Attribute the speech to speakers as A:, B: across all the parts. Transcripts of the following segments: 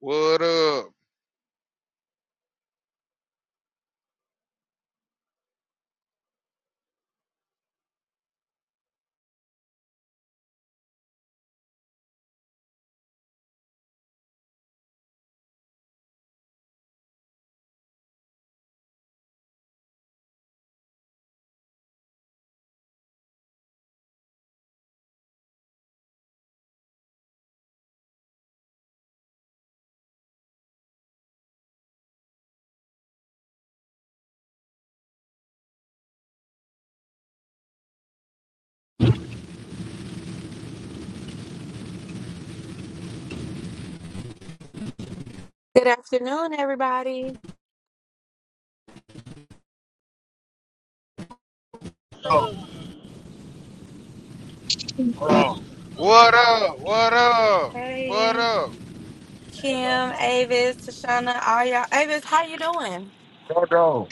A: What up?
B: Oh, hold on.
A: What up? What up? What up?
C: Hello.
B: Hold on.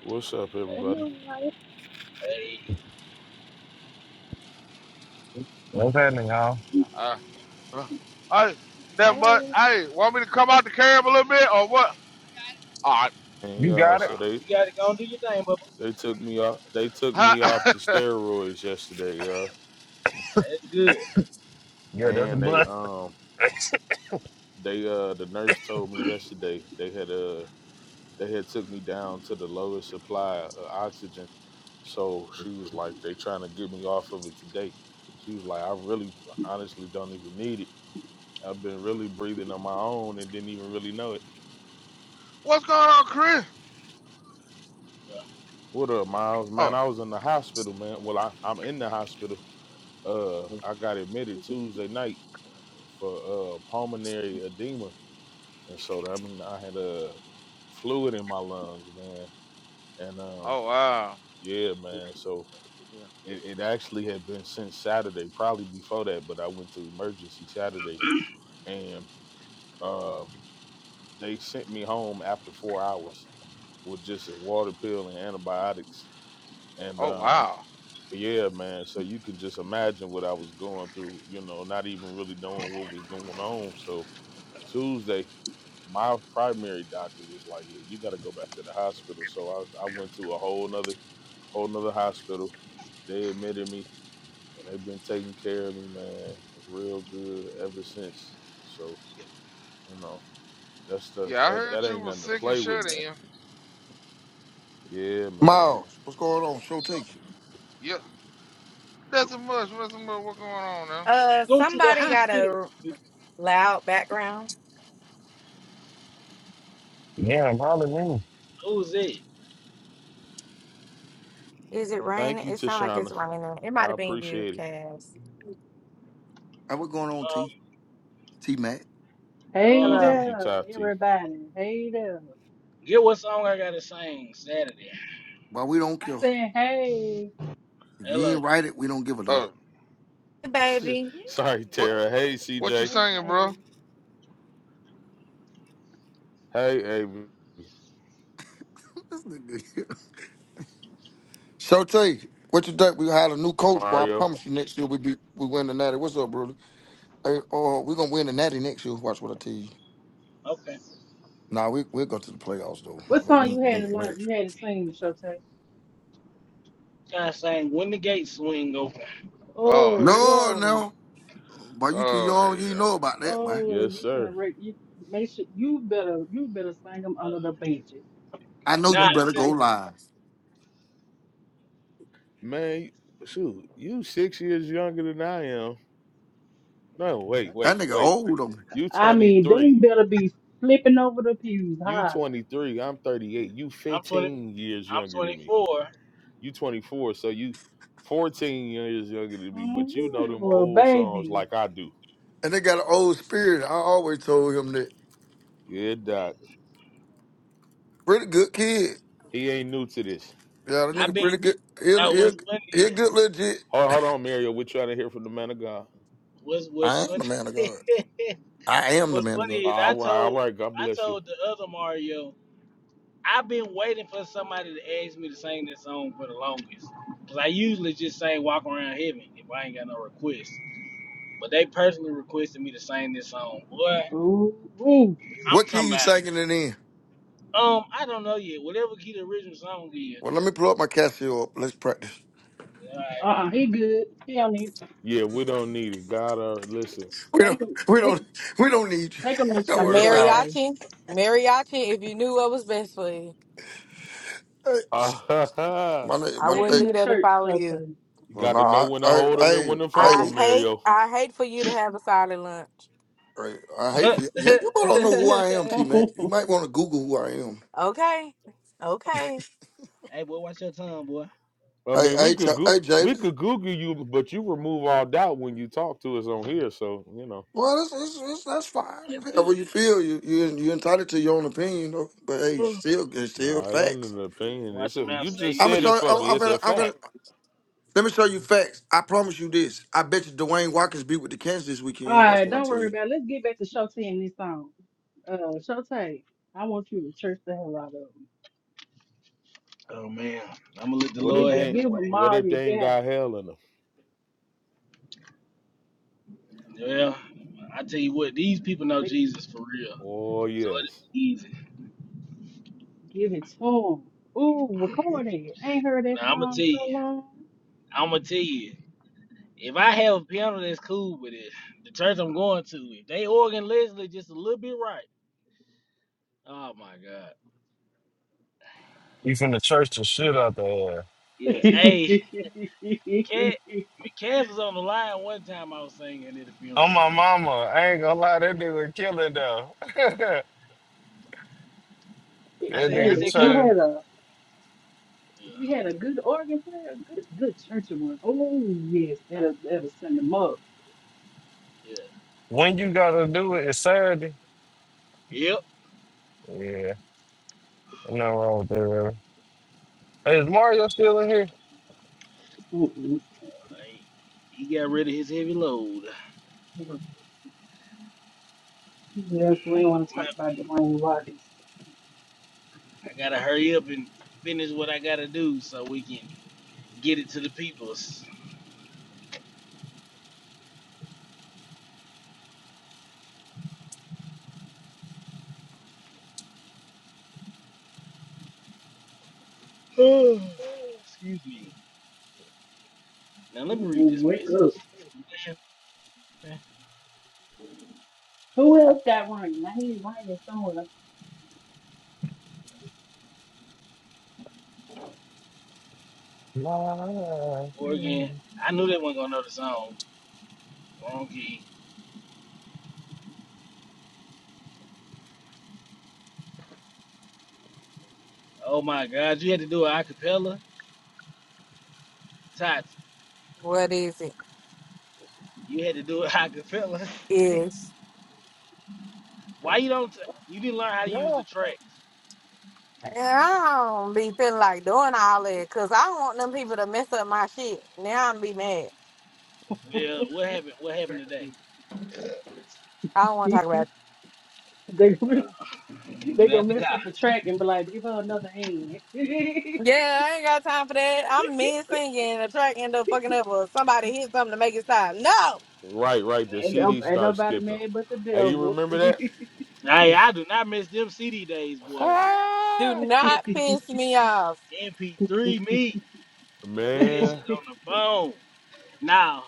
D: What's up,
E: I'm
D: everybody?
E: all right.
C: Hey,
B: What's happening, y'all?
E: I
A: Uh, uh, I that much. Hey, want me to come out the cab a little bit or what? All right.
D: And
B: You
D: yeah,
A: All
B: got it?
D: so
A: right.
D: they
C: you gotta go and do your thing, Bubba.
D: they took me off they took me off
A: Huh?
D: the steroids yesterday, you
C: That's good.
B: Yeah, that's a
D: And they
B: bless.
D: um they uh the nurse told me yesterday they had uh they had took me down to the lowest supply of oxygen. So she was like, they trying to get me off of it today. She was like, I really honestly don't even need it. I've been really breathing on my own and didn't even really know it.
A: What's going on, Chris?
D: What up, Miles?
A: Oh,
D: Man, I was in the hospital, man. Well, I, I'm in the hospital uh I got admitted Tuesday night for uh pulmonary edema. And so I mean I had a uh, fluid in my lungs, man. And um
A: oh wow.
D: yeah, man. So
A: Yeah.
D: it, it actually had been since Saturday, probably before that, but I went to emergency Saturday and uh they sent me home after four hours with just a water pill and antibiotics. And
A: Oh
D: um
A: wow.
D: yeah, man. So you can just imagine what I was going through, you know, not even really knowing what was going on. So Tuesday, my primary doctor was like, "Yeah, you got to go back to the hospital." So I, I went to a whole nother, whole nother hospital. They admitted me, and they've been taking care of me, man, real good ever since. So you know, that's the
A: Yeah, I
D: that,
A: heard
D: that
A: you
D: ain't
A: was
D: nothing to
A: sick and
D: play with,
A: shut
D: man.
A: in.
D: Yeah, man.
F: Miles, what's going on? Show takes you.
A: Yeah. That's a much. That's a much. What's going on now?
C: Go to the hospital.
B: Yeah, probably me.
C: Who's it?
D: Thank you, Tashana. I appreciate it.
F: Hey, what's going on, T?
C: Um,
F: T Mac.
G: Hey
D: Thank
C: um,
D: you,
G: there,
D: Tati.
G: everybody. Hey there.
C: get what song I gotta sing Saturday.
F: Why we don't
G: I
F: care.
G: said, hey.
F: If you ain't
C: Hello.
F: write it, we don't give a damn.
A: Oh,
G: Yeah.
D: Sorry,
A: what
G: that
D: Tara.
G: was-
D: Hey,
A: what you
D: CJ.
G: Hey,
A: singing,
G: babe.
A: bro?
D: Hey, Avery.
F: This nigga here. Show takes. you. What you think? We had a new coach, boy. I
D: Mario.
F: promise you next year we be we win the natty. What's up, brother? Hey, uh, we gonna win the natty next year. Watch what I tell you.
C: Okay.
F: Nah, we we'll go to the playoffs though. We
G: What
F: gonna
G: song
F: win-
G: you had
F: win
G: to
F: the Natty.
G: learn? You had to sing, Shotay.
C: Gotta sing when the gates swing open.
G: Oh
A: Oh
F: No,
A: hell.
G: Lord.
F: no. Boy, you too
A: Oh
F: young, you
A: hell.
F: know about that, boy.
G: Oh,
D: Yes,
G: you finna
D: sir.
G: wreck. You make sure you better. You better sing them under
C: Uh,
G: the benches.
F: I
G: You
F: know you
C: nah,
G: better
F: better go
C: listen,
G: sing.
F: live.
D: Man, shoot, you six years younger than I am. No, wait,
F: That
D: wait,
F: nigga
D: wait.
F: old on me.
D: You
G: I mean, they
D: 23.
G: better be flipping over the pews,
D: You
G: hollering.
D: 23. I'm 38. You
C: I'm twenty.
D: 15 years
C: I'm
D: younger than
C: twenty
D: me.
C: four.
D: You 24. So you 14 years younger than me.
G: Mm,
D: But you know
G: you
D: them
G: little
D: old songs
G: baby.
D: like I do.
F: And they got an old spirit. I always told him that.
D: Yeah, Doc.
F: Pretty good kid.
D: He ain't new to this.
F: Yeah, that
C: I've
F: nigga
C: been.
F: pretty good. He'll
C: Now,
F: he'll
C: what's funny
F: he'll
C: is
F: get legit.
D: Hold, hold on, Mario. We're trying to hear from the man of God.
C: what's what's
F: I am the
C: funny.
F: man of God. I am the
C: what's
F: man of
C: funny
F: God.
D: Uh,
C: is I
D: All right, all
C: told
D: right. God
C: I
D: bless you.
C: told the other Mario. I've been waiting for somebody to ask me to sing this song for the longest. Cause I usually just sing "Walk Around Heaven" if I ain't got no requests. But they personally requested me to sing this song. Boy,
G: Ooh, ooh.
C: I'm
F: What key
C: talking
F: you
C: about.
F: singing it in?
C: Um, I don't know yet. Whatever key the original song is.
F: Well, let me pull up my Casio. Up. Let's practice.
G: Uh,
C: All
G: uh he good. He don't need
D: Yeah, we don't need it. God, uh, listen.
F: We
G: take
F: don't
G: him.
F: we don't
G: Take
F: we don't need you.
G: take him to
F: don't
G: church,
F: worry
D: It's
F: about
D: all.
G: Shotay.
F: it. Hey, my nigga, my
G: Take him
F: hey.
G: to church, Shotay.
D: You
F: Well,
D: got to know
F: nah,
D: when
F: I
D: to
F: I
D: hold them and
F: I,
D: when to
F: I,
D: fold them, Mario.
F: I, I hate for you.
C: right.
F: Yeah, you probably don't know who I am, T Mac. You
G: All
F: might want to Google who I am.
C: hey, boy, watch your tongue, boy.
D: I
F: Hey,
D: mean,
F: hey,
D: we
F: Ch-
D: could go-
F: hey,
D: we
F: Jalen.
D: could Google you, but you remove all doubt when you talk to us on here. So you know,
F: Well, it's, it's, it's, that's fine.
C: That's
F: However you
C: good.
F: feel, you you you entitled to your own opinion. though. But hey, still it's
D: no,
F: still
D: nah, it ain't
F: facts.
D: an opinion.
C: Watch
D: It's
C: your
D: a
C: mouth,
D: you
C: save
D: just
C: your
F: I'm gonna
D: said
C: teeth,
D: it
F: show.
D: for
F: I'm,
C: boy.
D: me.
F: I'm
D: It's a
F: gonna, I'm gonna.
D: fact.
F: Let me show you facts. I promise you this. I bet you Dwayne Watkins beat with the Kansas this weekend. Watch
G: right,
F: what I
G: don't
F: tell
G: worry
F: you.
G: about it. Let's get back to Shotay and this song. Uh, Shotay, I want you to church the hell out of him.
C: Oh man, I'm gonna let the
D: What if
G: Give,
C: Lord have
D: they
C: His
G: give him
C: way.
D: What
G: all
D: if
G: you
D: they ain't
G: got.
D: got hell in them?
C: Well, I tell you what, these people know
G: They-
C: Jesus for real,
D: Oh
C: so
D: yes,
C: it'll be easy.
G: Give it to him. Ooh, record it. Ain't heard that
C: Now I'm gonna
G: song
C: tell
G: so
C: you.
G: long.
C: I'm gonna tell you, if I have a piano that's cool with it, the church I'm going to, if they organ Leslie just a little bit right, oh my god,
B: You from the church to shit out there.
C: yeah. Hey,
G: hey,
C: Cat, Cass was on the line one time. I was singing at the funeral.
B: Oh, my mama. I ain't gonna lie, that nigga killing though. that
C: I said, I
B: nigga
C: said,
G: if you
C: Cup,
B: church.
G: had a if
C: yeah,
G: you had a good organ player, a good good churchy one. Oh yes, that'll that'll send them up.
C: yeah,
B: When you gotta do it, it's Saturday.
C: yep.
B: Yeah, nothing wrong with that, really. Hey, is Mario still in here?
G: Mm-mm.
C: Hey, he got rid of his heavy load.
G: Yeah, we don't want to
C: Well,
G: talk about Dwayne Watkins.
C: I gotta hurry up and finish what I gotta do so we can get it to the peoples. Excuse me. Now let me
G: Mm-mm,
C: read this
G: wake
C: message.
G: up. Who else got running? I hear you running somewhere.
B: Mario.
C: Oregon. I knew they weren't gonna know the song. Wrong key. Oh my God, you had to do it acapella, Tots. You had to do it acapella. Why you don't? T- you didn't learn how to use
B: Yeah.
C: the tracks. Well, what happened? What happened today?
G: they gonna
C: Uh,
G: they
C: Get out
G: gonna
C: the
G: mess
C: car.
G: up the track and be like, give her another hand. ain't,
D: right, right. The
G: no-
D: CD
G: ain't
D: starts
G: nobody
D: skipping.
G: mad but the
D: Hey, you
G: devil.
D: remember that?
C: Hey, I do not miss them CD days, boy.
D: Ah,
C: MP MP3 me. Put that
D: man.
C: shit on the phone. Now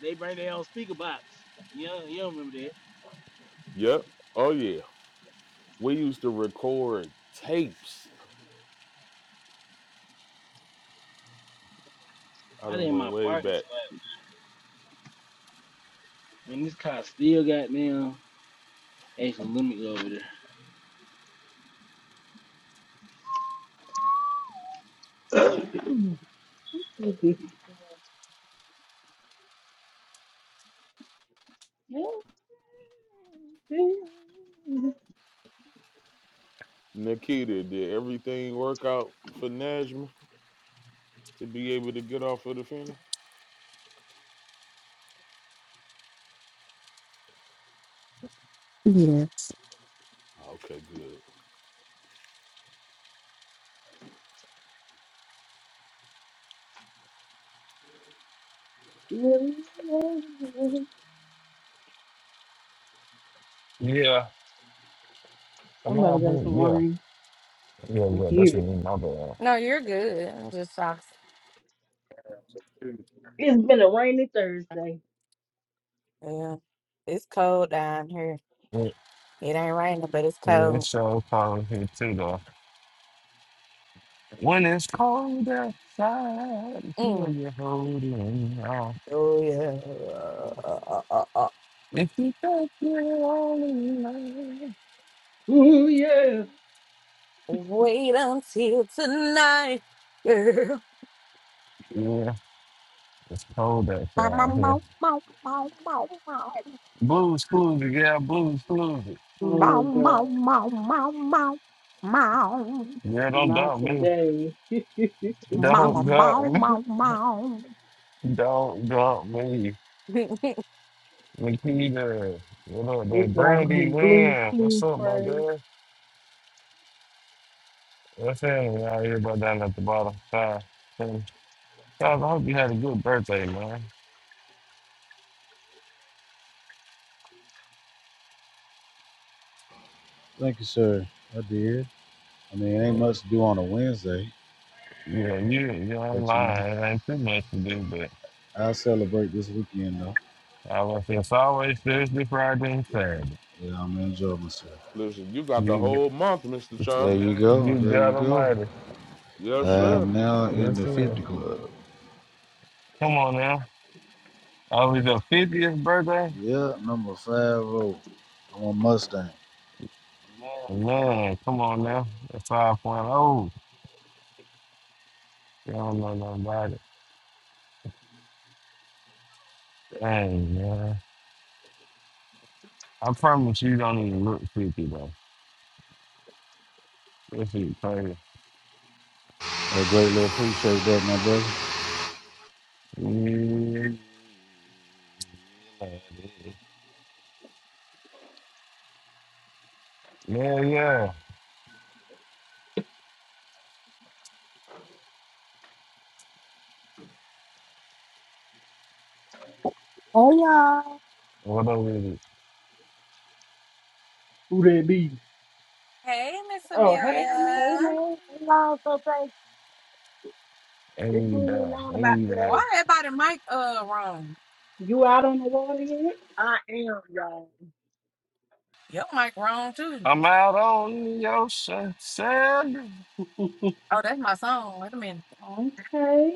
C: they bring their own speaker box. You don't, you don't remember that?
D: Yep. Oh yeah. We used to record tapes. I
C: Why they
D: done
C: in
D: went
C: my
D: way
C: parking
D: back.
C: spot? Man, this car still got down. Actually, let me go over there.
D: Nikita, did everything work out for Najma to be able to get off of the funeral?
H: Yes.
D: Okay, good.
B: Yeah. Come
G: Somebody got
B: on,
G: some
B: yeah.
G: rain.
B: Yeah,
G: I
B: yeah,
G: hear
B: that's
G: it.
B: me, my bad.
G: It's been a rainy Thursday.
B: Yeah, yeah, it's show probably here too, though. When it's cold outside, feel you holding on. If you think you're all alone,
G: Ooh yeah.
B: yeah, it's cold outside here. Blues, blues, yeah, blues, blues.
G: Oh god.
B: Yeah, don't
G: Not
B: dump me,
G: today. this
B: don't dump me, don't dump me. Nikita, what up, man? Brandy
G: doggone blues
B: Wynn? What's
G: clues
B: up, my
G: praise.
B: girl? What's happening out here, but down at the bottom? Five, ten. Guys, I hope you had a good birthday, man.
I: Thank you, sir. I did. I mean, it
B: Yeah.
I: ain't much to do on a Wednesday,
B: Yeah, you you ain't
I: but you know,
B: lying. It ain't too much to do, but
I: I'll celebrate this weekend though.
B: I was it's always Thursday, Friday, and Saturday.
I: Yeah, I'm gonna enjoy myself.
D: Listen, you got the
B: You
D: whole
B: g-
D: month, Mr.
I: There
D: Charles.
I: you go.
B: you
I: There you
B: God
I: go.
B: Almighty.
D: Yes,
I: I
B: Yes,
D: sir.
I: am now in
B: yes,
I: the
B: sir.
I: 50 club.
B: Come on now. I was your 50th birthday.
I: Yeah, number 50. I'm a Mustang.
B: Man, come on now. That's 5.0. You don't know nothing about it. Dang, man. I promise you don't even look 50, though. This is crazy.
I: A great little appreciate that, my brother.
B: Yeah, yeah. yeah.
J: Hey y'all.
B: What up with
G: Oh, hey, Miss
J: Hey
G: Amelia.
J: y'all. Hey y'all. So thanks
B: it?
J: for
B: Ain't
J: getting me on about
B: down.
J: today.
G: You out on the water yet?
J: I am, y'all.
B: I'm out on the ocean. Sand.
G: okay.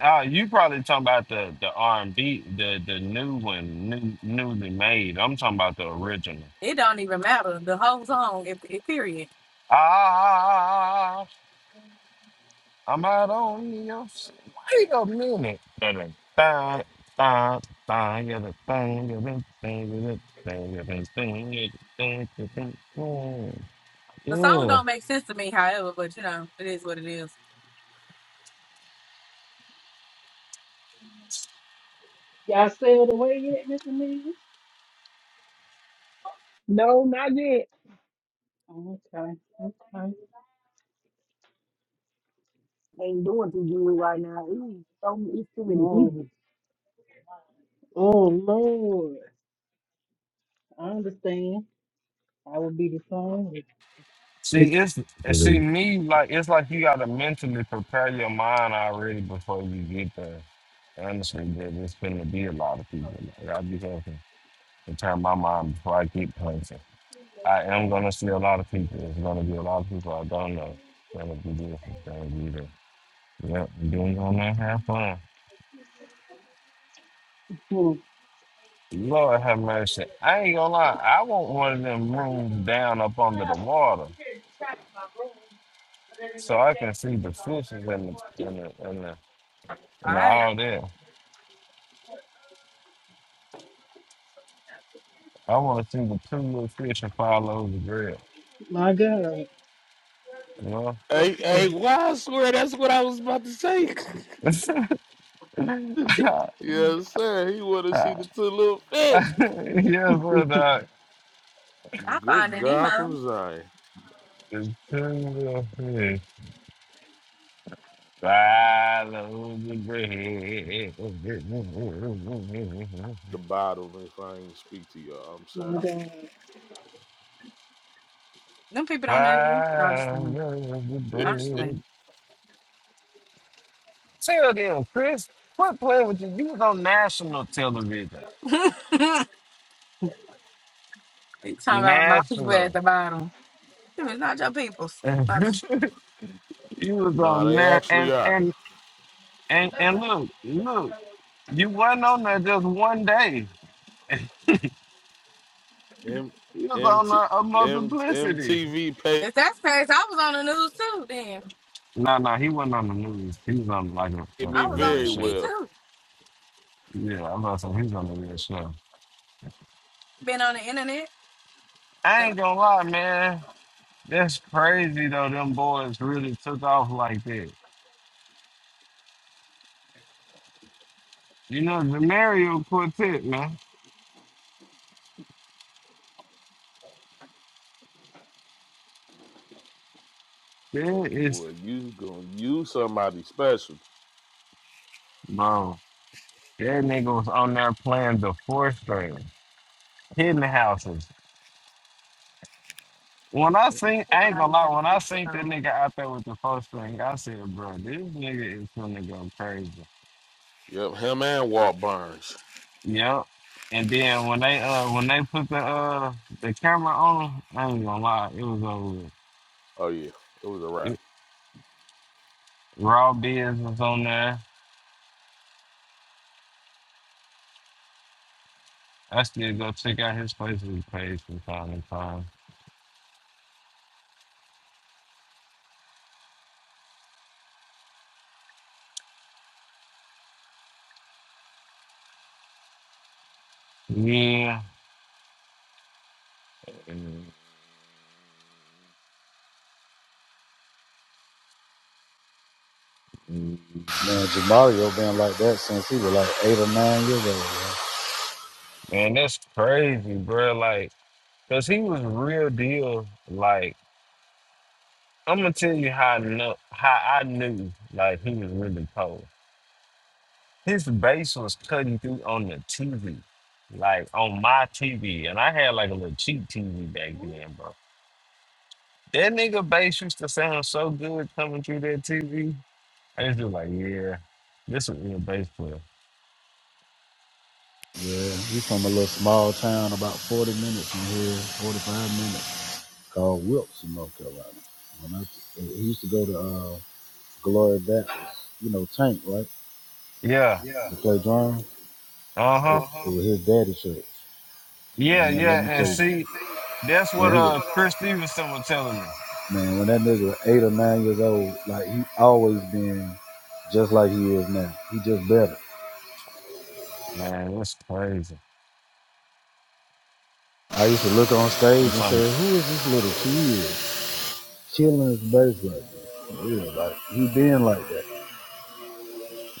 B: Uh, you probably talking about the the R and B, the the new one, new newly made. I'm talking about the original. Ah, I'm out on the ocean. Wait a minute. Dun, dun, dun, dun, yeah, the thing, yeah, the thing, yeah, the thing, yeah, the thing, yeah, the thing, yeah, the thing, mm. Yeah.
G: Y'all sailed away yet, Miss Amelia?
J: No, not yet.
G: Okay. Okay.
J: Ain't doing too good right now. Ooh, so, it's too many
G: Oh,
J: people.
G: oh Lord. I understand. I would be the same.
B: See, it's and see
K: Really?
B: me like it's like you gotta mentally prepare your mind already before you get there. Honestly, there- there's going to be a lot of people. Like, i be thinking in turn my mind before I keep punching. I am going to see a lot of people. There's going to be a lot of people I don't know. It's going to be this. It's going to be that. Yep, we doing going to have fun.
G: Hmm.
B: Lord have mercy. I ain't going to lie. I want one of them rooms down up under the water so I can see the fishes and the, and the, and the, and the all that. I want to see the two little fish and follow the bread.
G: My God.
B: You
G: Yes,
D: Hey, hey,
G: ma'am.
D: why I swear that's what I was about to say.
B: know?
D: yes, sir. He wanna
B: I,
D: see the two little fish.
B: yes, or not.
D: Good God from Zion.
B: It's too fish. Follow the bread. Follow
D: The bottom, if I ain't speak to y'all, I'm
G: My
D: sorry.
G: God.
B: the bread. Tell them, Chris, quit playing with you. You was on national television. National. you was
D: nah,
B: on
D: they
B: that.
D: actually
B: And,
D: are.
B: and, and, and look, look, you wasn't on there just one day.
D: M
B: You was
D: M
B: on
D: T
B: a, a
D: M
B: multiplicity.
D: MTV paid
B: No, no, he wasn't on the news. He was on like a, a, a
D: me
B: real
D: very
B: show.
D: well.
B: Yeah, I'm about to say he was on a real show. I ain't gonna lie, man. That's crazy though. Them boys really took off like that. You know, the Mario Quartet, man. That is,
D: Boy, you gonna use somebody special.
B: bro. That nigga was on there playing the fourth string, hidden houses. When I seen, I ain't gonna lie. When I seen that nigga out there with the fourth string, I said, bro, this nigga is gonna go crazy.
D: Yep, him and Walt Burns.
B: Yep. And then when they uh when they put the uh the camera on, I ain't gonna lie, it was over. with.
D: Oh yeah, it was a wrap.
B: It, Raw Biz was on there. I still go check out his Facebook page from time to time. Yeah. Man,
I: Man, Jamario been like that since he was like eight or nine years old. man.
B: that's crazy, bro. Like, cause he was real deal. Like, I'm gonna tell you how I know how I knew like he was really cold. his bass was cutting through on the TV, like on my TV, and I had like a little cheap TV back then, bro. That nigga bass used to sound so good coming through that TV. I just be like, yeah, this is a real bass player.
I: Yeah, he's from a little small town about 40 minutes from here, 45 minutes. called Wilkes in North Carolina. When I, he used to go to uh, Glory Baptist, you know, Tank, right?
B: Yeah,
I: Yeah. To play drums.
B: uh
I: Uh
B: huh,
I: It, it was his daddy's church. Man,
B: yeah,
I: yeah, let
B: yeah,
I: me yeah,
B: and
I: tell you. Yeah,
B: see, that's what
I: When he was,
B: uh Chris Stevenson was telling me.
I: man, when that nigga was eight or nine years old, like he always been just like he is now. He just better.
B: Man, that's crazy.
I: I used to look on
B: I'm
I: stage and say,
B: talking,
I: "Who is this little kid chilling his bass like this?" For like he been like that.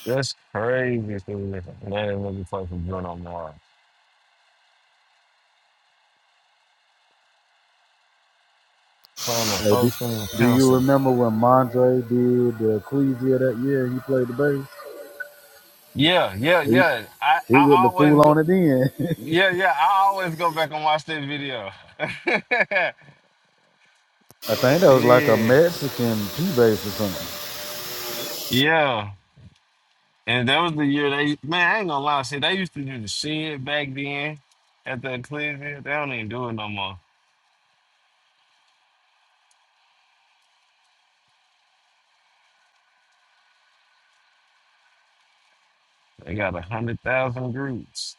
B: that's crazy. Stevenson. Man, let me play for Bruno Mars. Playing the
I: Hey, do,
B: first thing in
I: do you
B: pencil.
I: remember when Mondre did the Ecclesia that year? and He played the bass.
B: Yeah, yeah,
I: He
B: yeah. I,
I: he wouldn't
B: I
I: have fool
B: always go
I: on it then.
B: yeah, yeah, I always go back and watch that video.
I: I think that was like a
B: yeah.
I: Mexican P bass or something.
B: Yeah. And that was the year they man, I ain't gonna lie, see they used to do the shit back then at the Ecclesia. They don't even do it no more. They got a hundred thousand groups.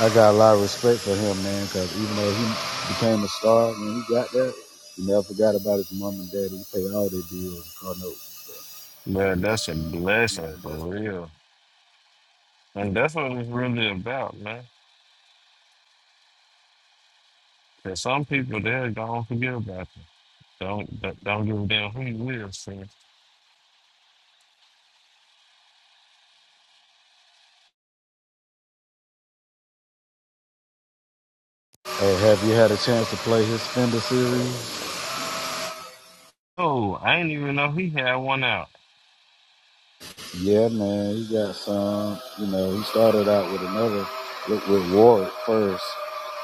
I: I got a lot of respect for him, man, because even though he became a star when he got there, he never forgot about his mom and daddy. He paid all their bills, car notes. and stuff.
B: Man, that's a
I: Yeah,
B: blessing for
I: that's-
B: real. And that's what it's really about, man. Cause some people they're gonna forget about you. Don't don't don't give a damn who you with, see.
I: Hey, have you had a chance to play his Fender series?
B: Oh, I didn't even know he had one out.
I: Yeah, man, he got some. You know, he started out with another with, with Ward first,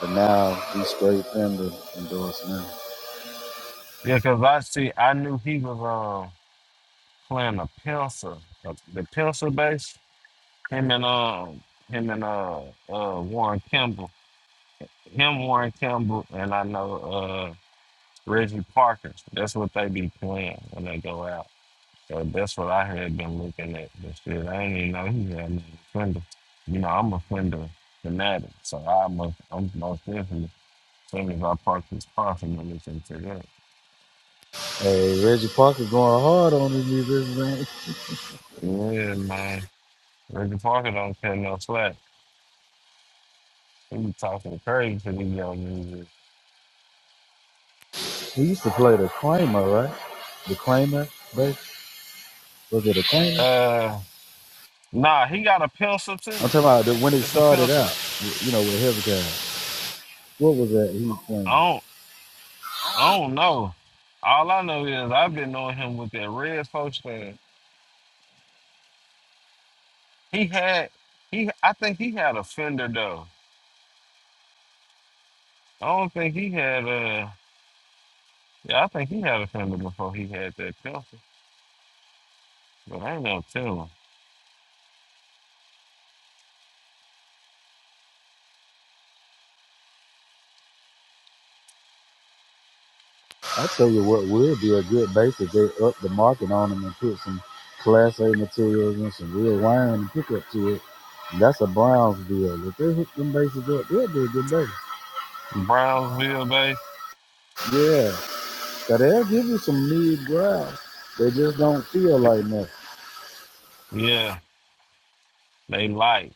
I: but now he's straight Fender endorsed now.
B: Yeah, because I see, I knew he was um playing a pencil, uh, the pencil bass. Him and um, him and uh, uh Warren Kimball, him Warren Kimball, and I know uh Reggie Parker. That's what they be playing when they go out. So that's what I had been looking at. This shit, I didn't even know he had an Fender. You know, I'm a fender fanatic, so I'm a, I'm most definitely as soon as I park this car, I'm gonna listen to that.
I: Hey, Reggie Parker going hard on these musicians, man.
B: Yeah, man. Reggie Parker don't care no slack. He be talking crazy to these young niggas.
I: He used to play the Kramer, right? The Kramer, bass. Was it a Kramer?
B: Uh, nah, he got a pencil
I: I'm
B: too.
I: talking about the, when it
B: It's a
I: started
B: pencil.
I: out. You know, with Heavy Guy. What was that he was
B: I
I: playing?
B: don't, I don't know. All I know is I've been knowing him with that red folks fan. He had, he, I think he had a fender though. I don't think he had a, yeah, I think he had a fender before he had that pencil. But I ain't no telling. tell
I: I tell you what would be a good base if they up the market on them and put some Class A materials and some real wiring and pick up to it. That's a Browns deal. If they hook them bases up, they'll be a good base.
B: him. Brownsville, babe.
I: Yeah, so they'll give you some mid ground. They just don't feel like nothing.
B: Yeah, they like.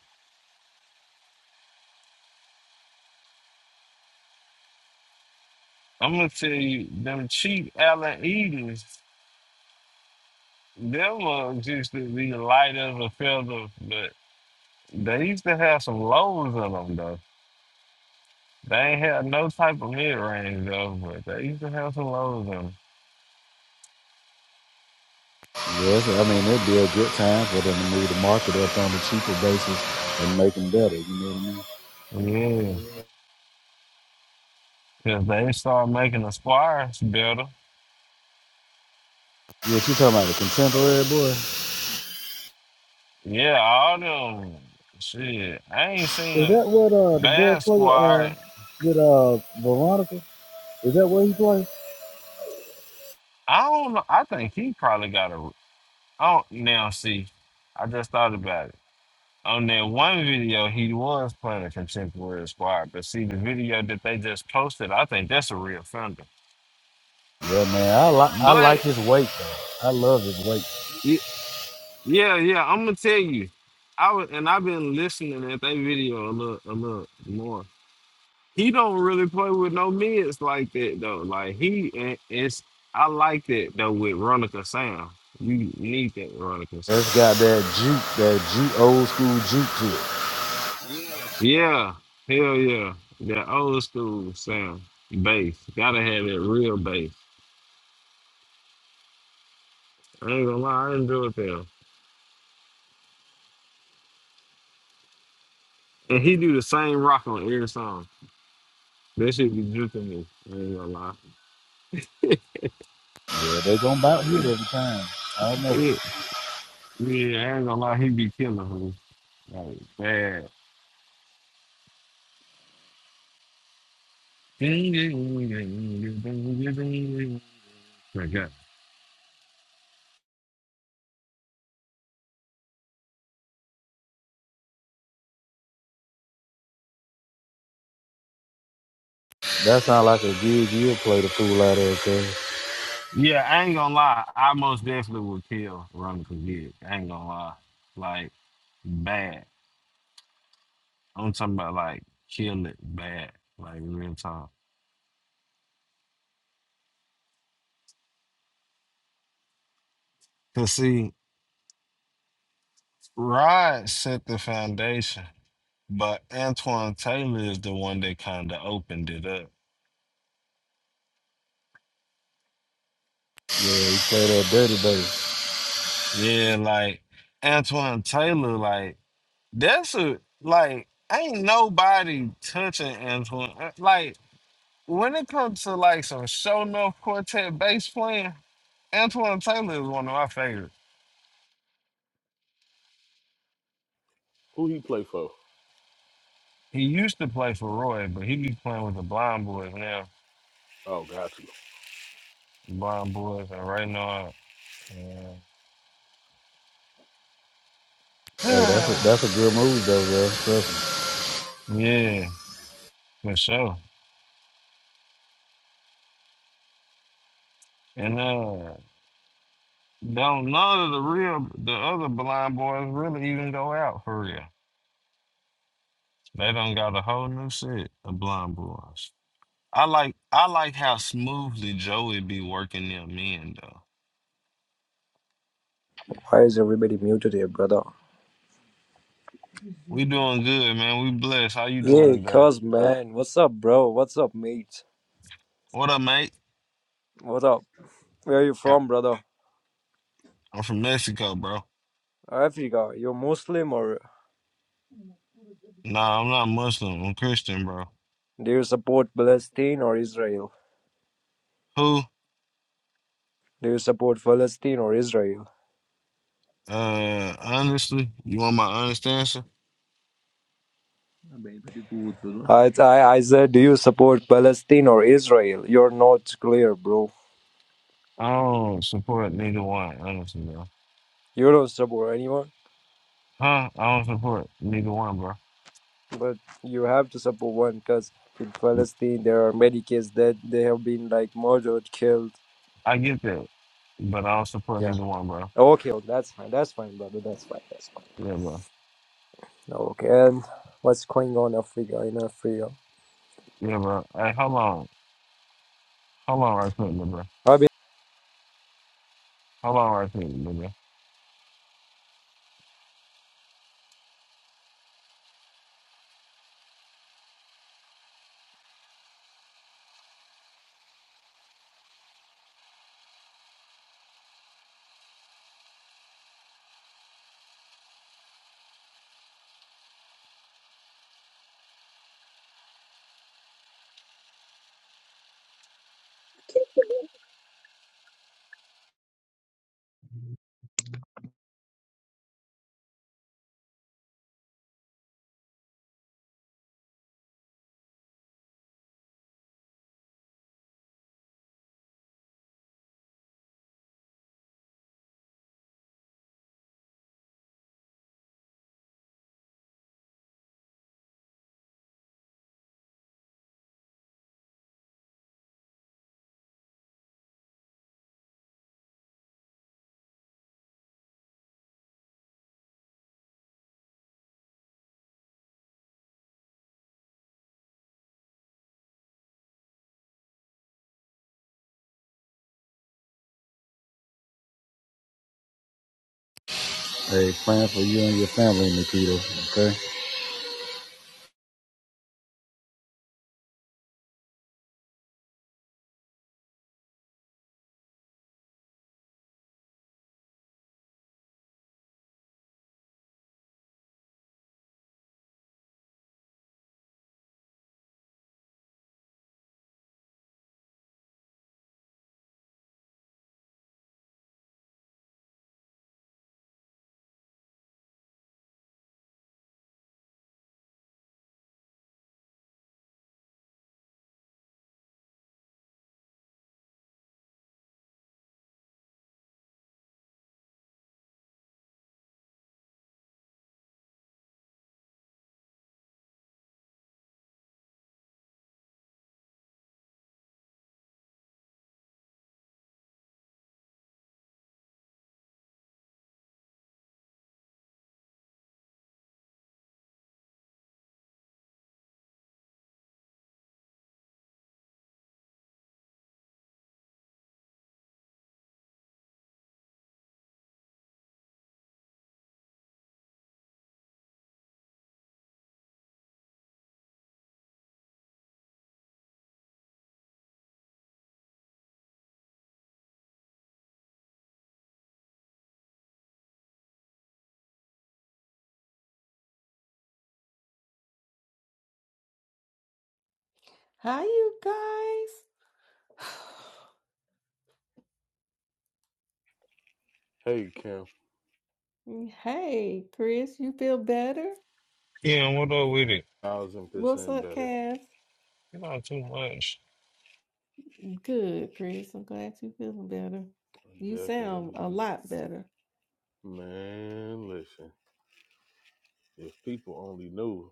B: I'm gonna tell you, them cheap Allen Edens. Them ones used to be light as a feather, but they used to have some lows in them though. They ain't had no type of mid range though, but they used to have some lows in them.
I: Yes, I mean it'd be a good time for them to move the market up on the cheaper basis and make them better. You know what I mean?
B: Yeah, because they started making the squires better.
I: Yeah, you talking about the contemporary boy?
B: Yeah, all them shit. I ain't seen
I: Is
B: a
I: that what uh the boy
B: bad
I: play with, uh
B: squire.
I: with uh Veronica? Is that what he play?
B: I don't know. I think he probably got a. I don't now see. I just thought about it. On that one video, he was playing a contemporary squad, but see the video that they just posted, I think that's a real thunder.
I: Yeah, man. I like I like
B: But
I: his weight though. I love his weight.
B: y- yeah, yeah, I'm gonna tell you, I was, and I've been listening at that video a little, a little more. He don't really play with no mids like that though. Like he, and it's I like that though with Ronica Sound. You need that Ronica Sound.
I: That's got that juke, that juke, old school juke to it.
B: Yeah, hell yeah, that old school sound bass. Gotta have that real bass. I ain't gonna lie, I didn't do it there. And he do the same rock on every song. That shit be juicing me. I ain't gonna lie.
I: Yeah, they gonna bout hit every time. I know.
B: Yeah, yeah, I ain't gonna lie, he be killing me. Like bad. My God.
I: That sound like a gig you'll play the fool out of, cuz.
B: Yeah, I ain't gonna lie. I most definitely would kill Ronald Kid. I ain't gonna lie. Like bad. I'm talking about like kill it bad. Like real talk. Cause see, Rod set the foundation. But Antoine Taylor is the one that kind of opened it up.
I: Yeah, he play that dirty bass.
B: Yeah, like Antoine Taylor, like that's a like ain't nobody touching Antoine. uh, Like when it comes to like some show enough quartet bass playing, Antoine Taylor is one of my favorites.
D: Who he play for?
B: He used to play for Roy, but he be playing with the Blind Boys now.
D: Oh, got you.
B: Blind Boys and Ray Nard.
D: Yeah.
I: Hey, that's
B: Uh,
I: a that's a good move though, bro. Trust me.
B: yeah, for sure. And uh, Don't none of the real the other blind boys really even go out for real. They done got a whole new set of blind boys. I like I like how smoothly Joey be working them in though.
L: Why is everybody muted here, brother?
B: We doing good, man. We blessed. How you
L: Yeah,
B: doing today?
L: cuz man. What's up, bro? What's up, mate?
B: What up, mate?
L: What up? Where are you
B: Yeah.
L: from, brother?
B: I'm from Mexico, bro.
L: Africa. You're Muslim or
B: Nah, I'm not Muslim. I'm Christian, bro.
L: do you support Palestine or Israel?
B: Who?
L: Do you support Palestine or Israel?
B: Uh honestly, you want my honest answer?
L: I, I, I said, do you support Palestine or Israel? You're not clear, bro.
B: I don't support neither one, honestly, bro.
L: You don't support anyone,
B: Huh? I don't support neither one, bro.
L: but you have to support one because in Palestine there are many kids that they have been like murdered, killed.
B: I get that, but I don't support
L: Yeah.
B: neither one, bro.
L: Okay, oh, that's fine. That's fine, brother. That's fine. That's fine.
B: Yeah, bro.
L: No, Okay, and what's going on Africa in Africa?
B: Yeah, bro. Hey, hold on. Hold on right quick, little bro.
L: I've
B: Hold on right quick, little bro.
E: can't
I: Hey, plan for you and your family, Nikito. Okay.
M: Hi, you guys.
D: Hey, Kim,
M: Hey, Chris, you feel better?
B: Yeah, what up with it?
D: thousand
M: What's
D: percent
M: up,
D: better.
M: Cass?
B: You know too much.
M: Good, Chris. I'm glad you're feeling better.
D: I
M: You sound
D: definitely
M: a
D: do.
M: lot better.
D: Man, listen. If people only knew,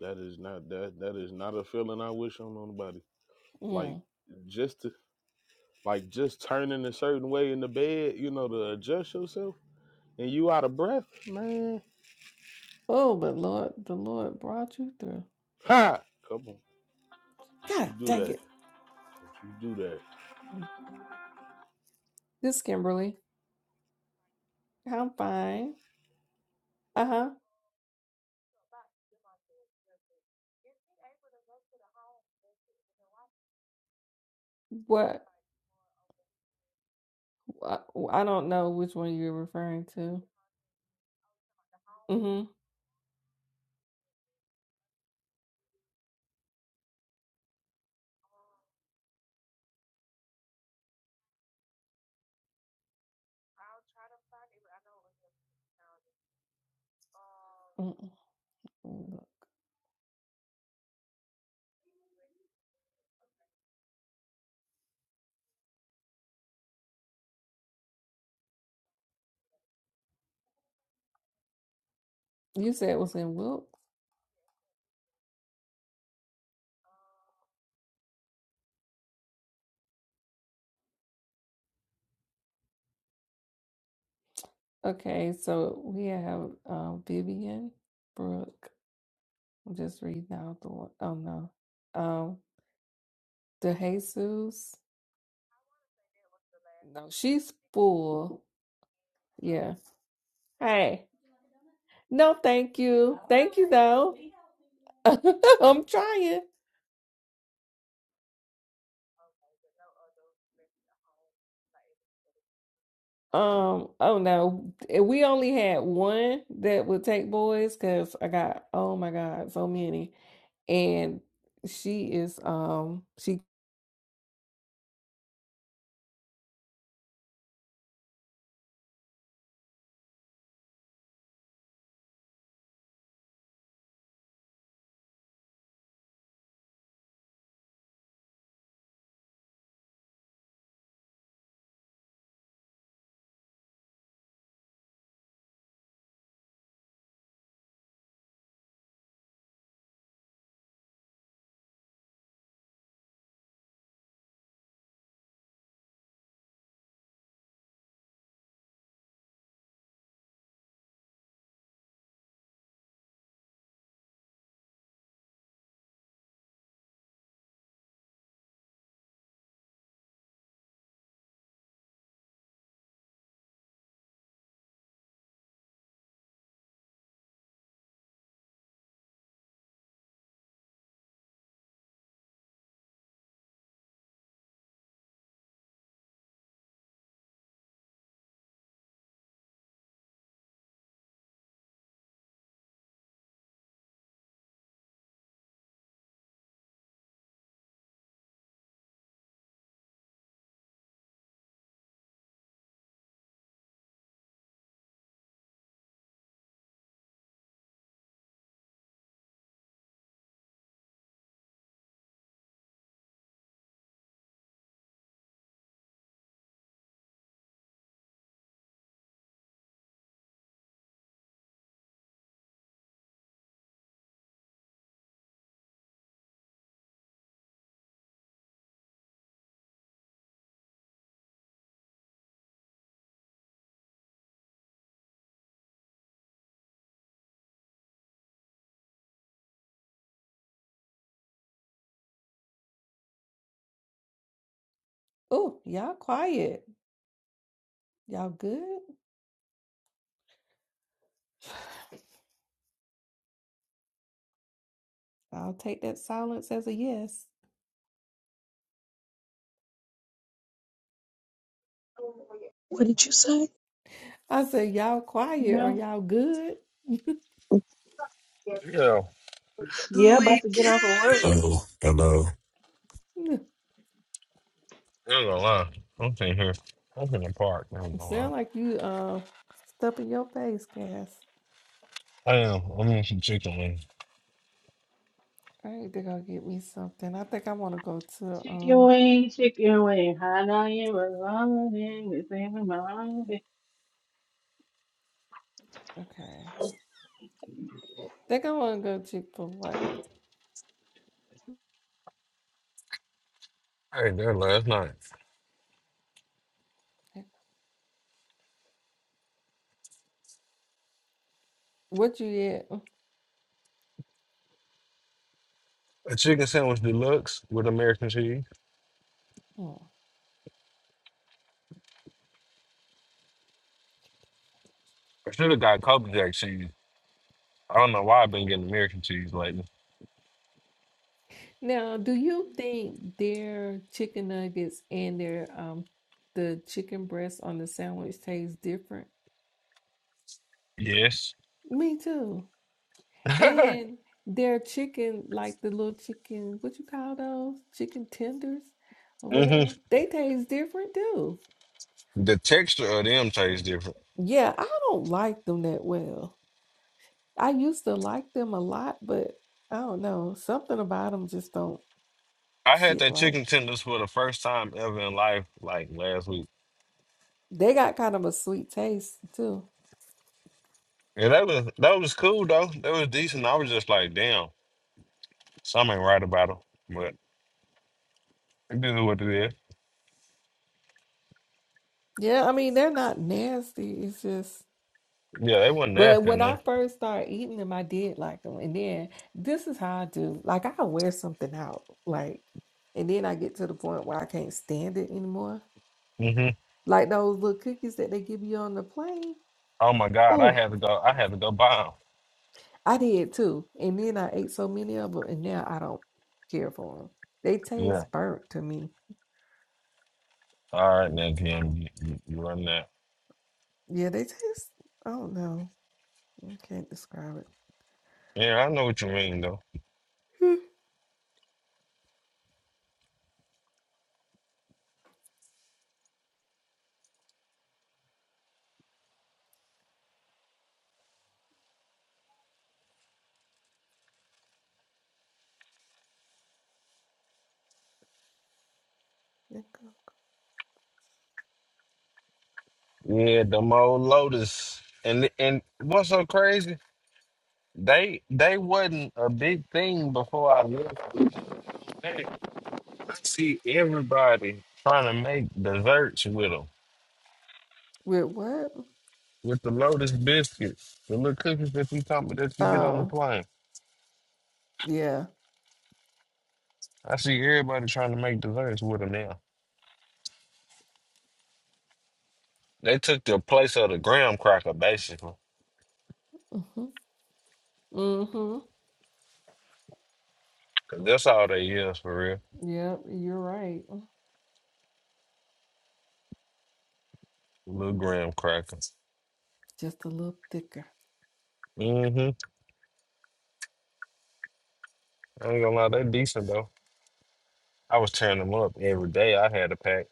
D: that is not that. That is not a feeling I wish on nobody. Like
M: Mm.
D: just to, like just turning a certain way in the bed, you know, to adjust yourself, and you out of breath, man.
M: Oh, but Lord, the Lord brought you through.
D: Ha! Come on, don't you
M: God
D: do
M: dang
D: that.
M: it.
D: Don't you do that.
M: This is Kimberly. I'm fine. Uh huh. What? I I don't know which one you're referring to. Mm hmm. You said it was in Wilton. Okay, so we have um, Vivian Brooke. I'm just reading out the one. Oh no, um, DeJesus. No, she's full. Yeah. Hey, no, thank you, thank you though. I'm trying. Um. Oh no, we only had one that would take boys because I got oh my god, so many, and she is um she. Oh, y'all quiet. Y'all good? I'll take that silence as a yes.
E: remember. What did you say?
M: I said, y'all quiet. Are
G: Yeah.
M: y'all good?
B: Yeah,
G: Yeah, about to get off of work.
K: Hello, hello.
B: I ain't gonna lie. I'm sitting here. I'm in the park. I ain't
M: It
B: gonna
M: sound
B: lie.
M: like you uh stuff in your face, Cass.
B: I am. I'm eating some chicken wings.
M: I need to go get me something. I think I want to go to
G: Chicken
M: um.
G: wing, chicken wing, hot on you revolving, it's in my loving.
M: Okay, think I want to go Chick Fil
B: I ate that last night.
M: A. What you get?
B: A chicken sandwich deluxe with American cheese.
M: Mm.
B: I should have got Kobe Jack cheese. I don't know why I've been getting American cheese lately.
M: Now, do you think their chicken nuggets and their um the chicken breast on the sandwich tastes different?
B: Yes.
M: Me too. And their chicken, like the little chicken, what you call those? Chicken tenders or
B: hmm
M: whatever. They taste different too.
B: The texture of them tastes different.
M: Yeah, I don't like them that well. I used to like them a lot, but I don't know. Something about them just don't
B: I had
M: sit
B: that
M: right.
B: chicken tenders for the first time ever in life, like last week,
M: They got kind of a sweet taste too.
B: and that was that was cool though. That was decent. I was just like, damn, something ain't right about them, but this is what it is.
M: Yeah, I mean, they're not nasty. It's just
B: Yeah, they wasn't
M: But
B: nasty
M: when I
B: enough.
M: first started eating them, I did like them. And then this is how I do. Like I wear something out. Like, and then I get to the point where I can't stand it anymore.
B: hmm
M: Like those little cookies that they give you on the plane.
B: Oh my god, I
M: Oh,
B: had to go. I had to go buy
M: I did too. And then I ate so many of them, and now I don't care for them. They
B: them. Yeah.
M: taste burnt to me.
B: All right, now Kim, you, you, you run that.
M: Yeah, they taste. I don't know. I can't describe
B: Yeah, I know what you mean though.
M: it. Nickel.
B: Yeah, them old Lotus, and and what's so crazy? They they wasn't a big thing before I left. I see everybody trying to make desserts with them,
M: With what?
B: with the Lotus biscuits, the little cookies that you talking about that you get on the
M: Oh,
B: plane.
M: yeah.
B: I see everybody trying to make desserts with them now. They took the place of the graham cracker basically,
M: Mm-hmm. Mm-hmm.
B: 'cause that's all they is for real,
M: Yep, you're right.
B: the little graham crackers.
M: Just a little thicker.
B: Mm-hmm. I ain't gonna lie, they decent though. I was tearing them up every day. I had a pack,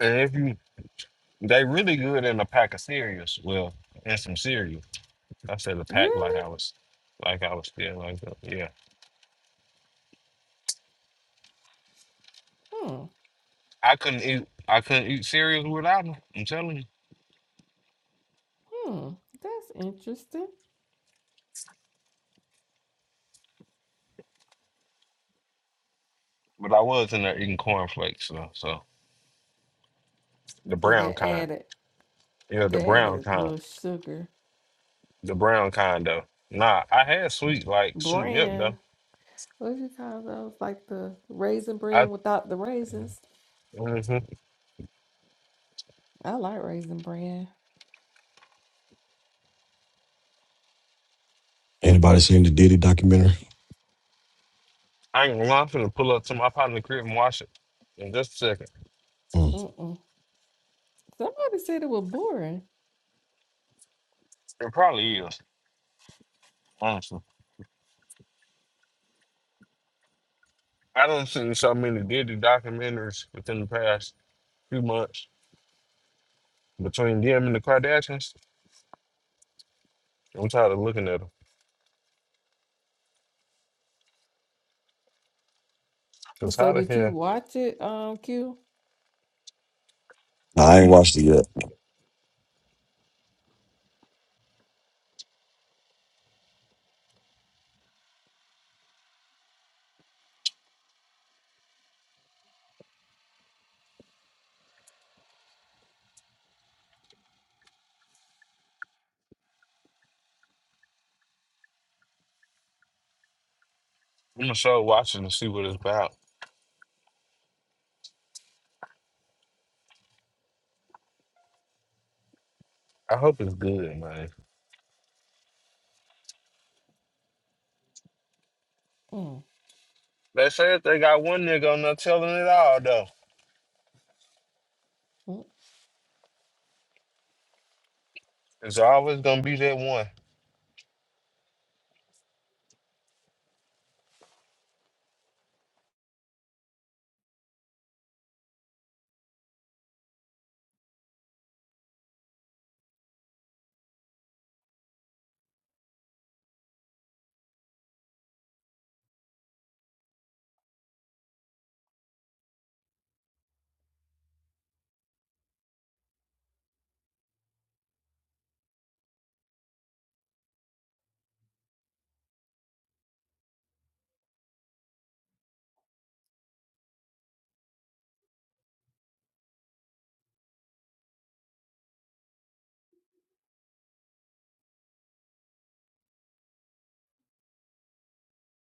B: and if you, they really good in a pack of cereals. Well, and some cereal. I said a pack like
M: Really?
B: I was, like I was still like that. Yeah.
M: Hmm.
B: I couldn't eat. I couldn't eat cereals without them. I'm telling you.
M: Hmm. That's interesting.
B: But I was in there eating cornflakes. So, so the
M: So
B: brown
M: they
B: kind.
M: added
B: Yeah, the
M: they
B: brown
M: added a
B: kind.
M: little sugar.
B: The brown kind though. Nah, I had sweet like sweet milk
M: Bran.
B: though.
M: What do you call those? Like the raisin bran
B: I
M: without the raisins.
B: hmm
M: I like raisin bran.
K: Anybody seen the Diddy documentary?
B: I ain't gonna lie. I'm finna pull up to my pot in the crib and wash it in just a second.
K: Mm.
M: Mm-mm. Somebody said it was boring.
B: It probably is. Honestly, I done seen so many Diddy documentaries within the past few months between them and the Kardashians. I'm tired of looking at them. Cause
M: So
B: how the
M: did you
B: hell
M: watch it, um, Q?
K: Nah, I ain't watched it yet.
B: I'm gonna start watching and see what it's about. I hope it's good, man.
M: Mm.
B: They say if they got one nigga on there telling it all, though,
M: mm.
B: it's always gonna be that one.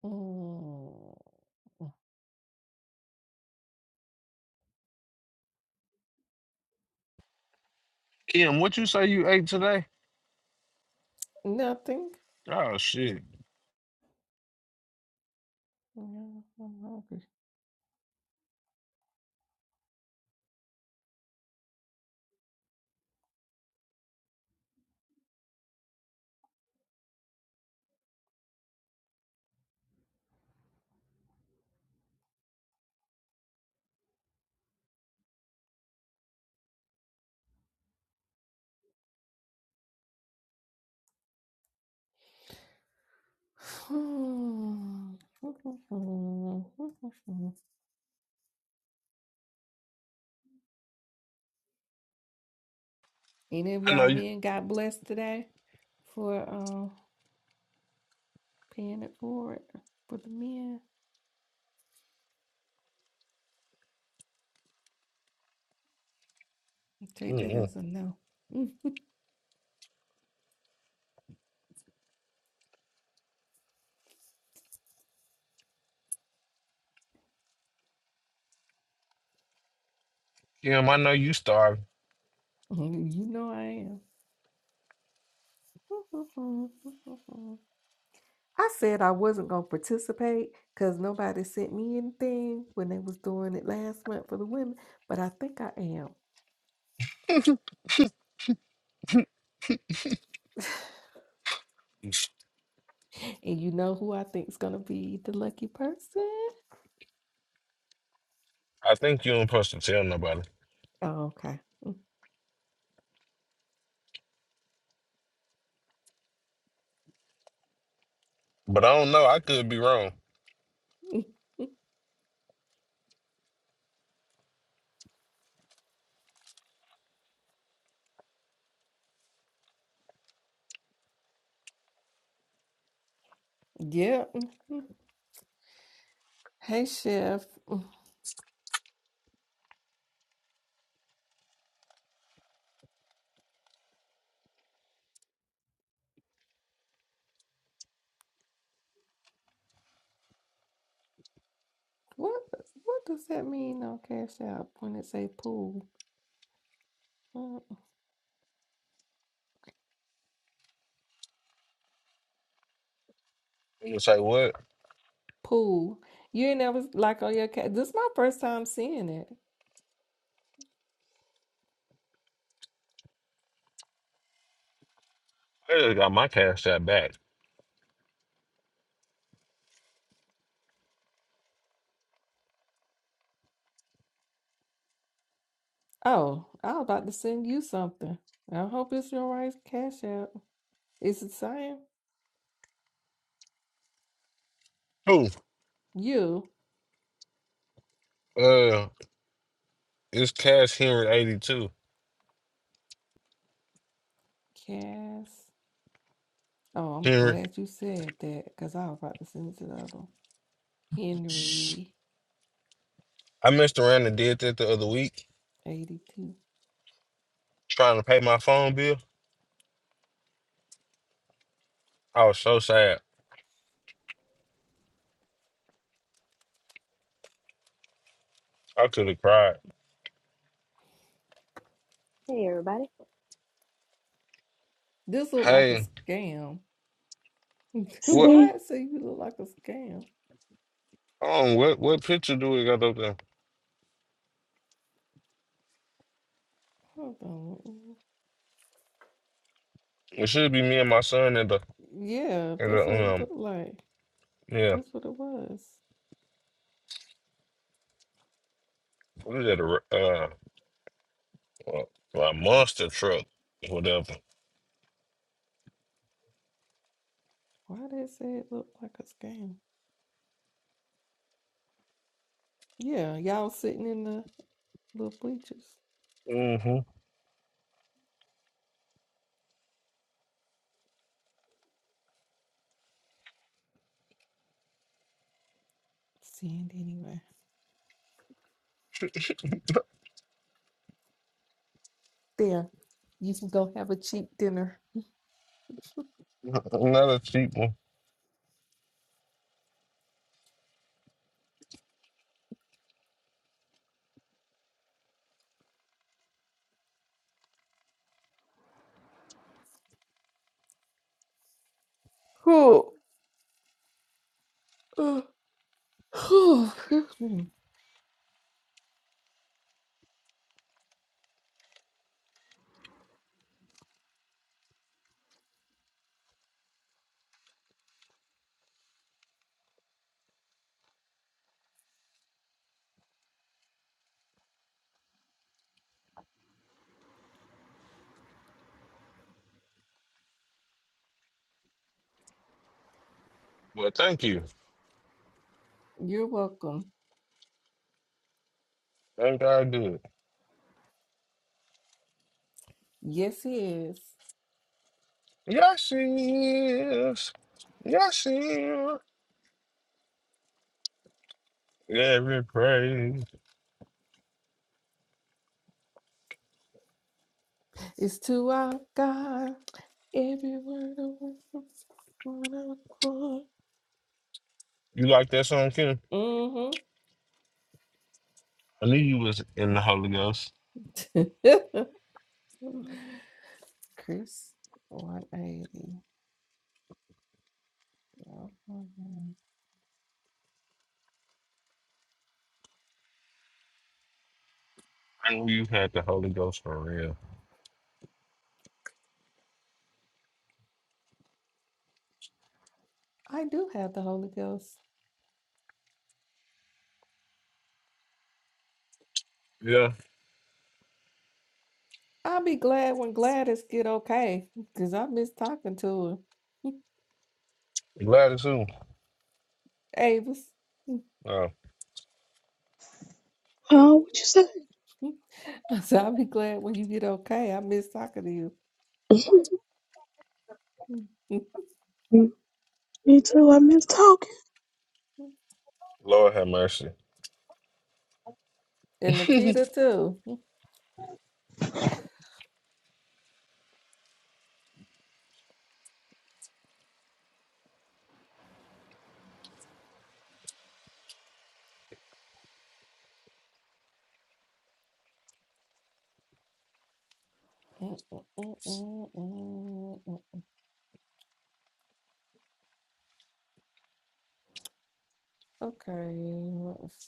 M: Mm.
B: Kim, what you say you ate today?
M: Nothing.
B: Oh shit!
M: Mm, I'm hungry. Mm. Any of
B: I know
M: y'all
B: you.
M: men got blessed today for um paying it forward for the men. I Take that
B: Mm-mm.
M: as a no. you
B: Kim, I know you starving.
M: know I am. I said I wasn't gonna participate because nobody sent me anything when they was doing it last month for the women, but I think I am.
B: I
M: And you know who I think is gonna be the lucky person?
B: think you ain't supposed to tell nobody,
M: Oh, okay.
B: but I don't know. I could be wrong.
M: Yep. Hey, Chef. What what does that mean on Cash App when it say pool? Uh,
B: I'm gonna say what?
M: Pool. You ain't never like on your cat. This is my first time seeing it.
B: I just got my cash out back.
M: Oh, I was about to send you something. I hope it's your right cash app. It's the same.
B: Who?
M: you
B: Uh, it's Cash Henry eighty two.
M: Cass? Oh, I'm
B: Henry,
M: glad you said that because I was about to send it to the other one. Henry
B: I messed around and did that the other week,
M: eighty two.
B: trying to pay my phone bill. I was so sad. I could have cried.
N: Hey, everybody.
M: This look like a
B: Hey,
M: scam.
B: what?
M: Why
E: Hey,
M: it say you look like a scam?
B: Um, what what picture do we got up there?
M: Hold on.
B: It should be me and my son in the
M: Yeah,
B: in
M: that's what
B: the
M: it
B: um
M: looked like.
B: yeah.
M: That's what it was.
B: What is that? A, r- uh, a, a monster truck, whatever.
M: Why they say it looked like a scam? Yeah, y'all sitting in the little bleachers.
B: Mm-hmm.
M: Stand anywhere. There. You can go have a cheap dinner.
B: Another cheap one.
M: Oh, uh, oh, excuse me.
B: Well, thank you.
M: You're welcome.
B: Thank God, good.
M: Yes, he is.
B: Yes, she is. Yes, she is. Every praise.
M: It's to our God. Every word of worship, one accord.
B: You like that song, Kim? I knew you was in the Holy Ghost.
M: Mm-hmm. Chris, 180.
B: I knew you had the Holy Ghost for real.
M: I do have the Holy Ghost.
B: Yeah,
M: I'll be glad when Gladys get okay, cause I miss talking to her.
B: glad it's you.
M: Avis.
B: Oh,
E: oh, what you say?
M: I said, I'll be glad when you get okay. I miss talking to
E: Mm-hmm.
M: you.
E: Me too. I miss talking.
B: Lord have mercy.
M: and Nikita too. okay. let's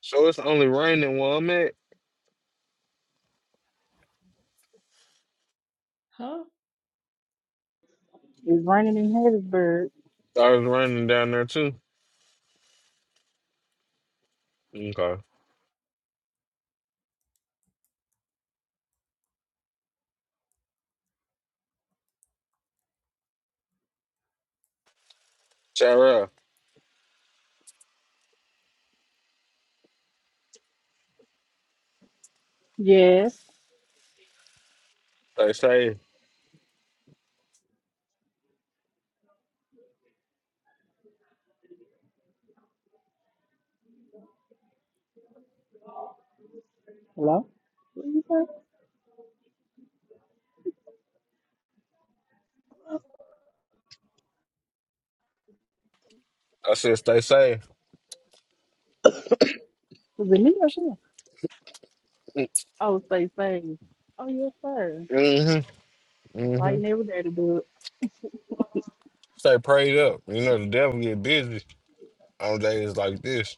B: So it's only raining where I'm at?
M: Huh?
G: It's raining in Hattiesburg.
B: I was running down there too. Okay. Shout out.
G: Yes.
B: Stay safe.
G: Hello? What did you say?
B: I said stay safe.
G: Was it me or who? Oh, say, say. Oh, yes, sir.
B: Mm-hmm.
G: I'm
B: Mm-hmm.
G: fighting every day to do it.
B: Stay prayed up. You know the devil get busy on days like this.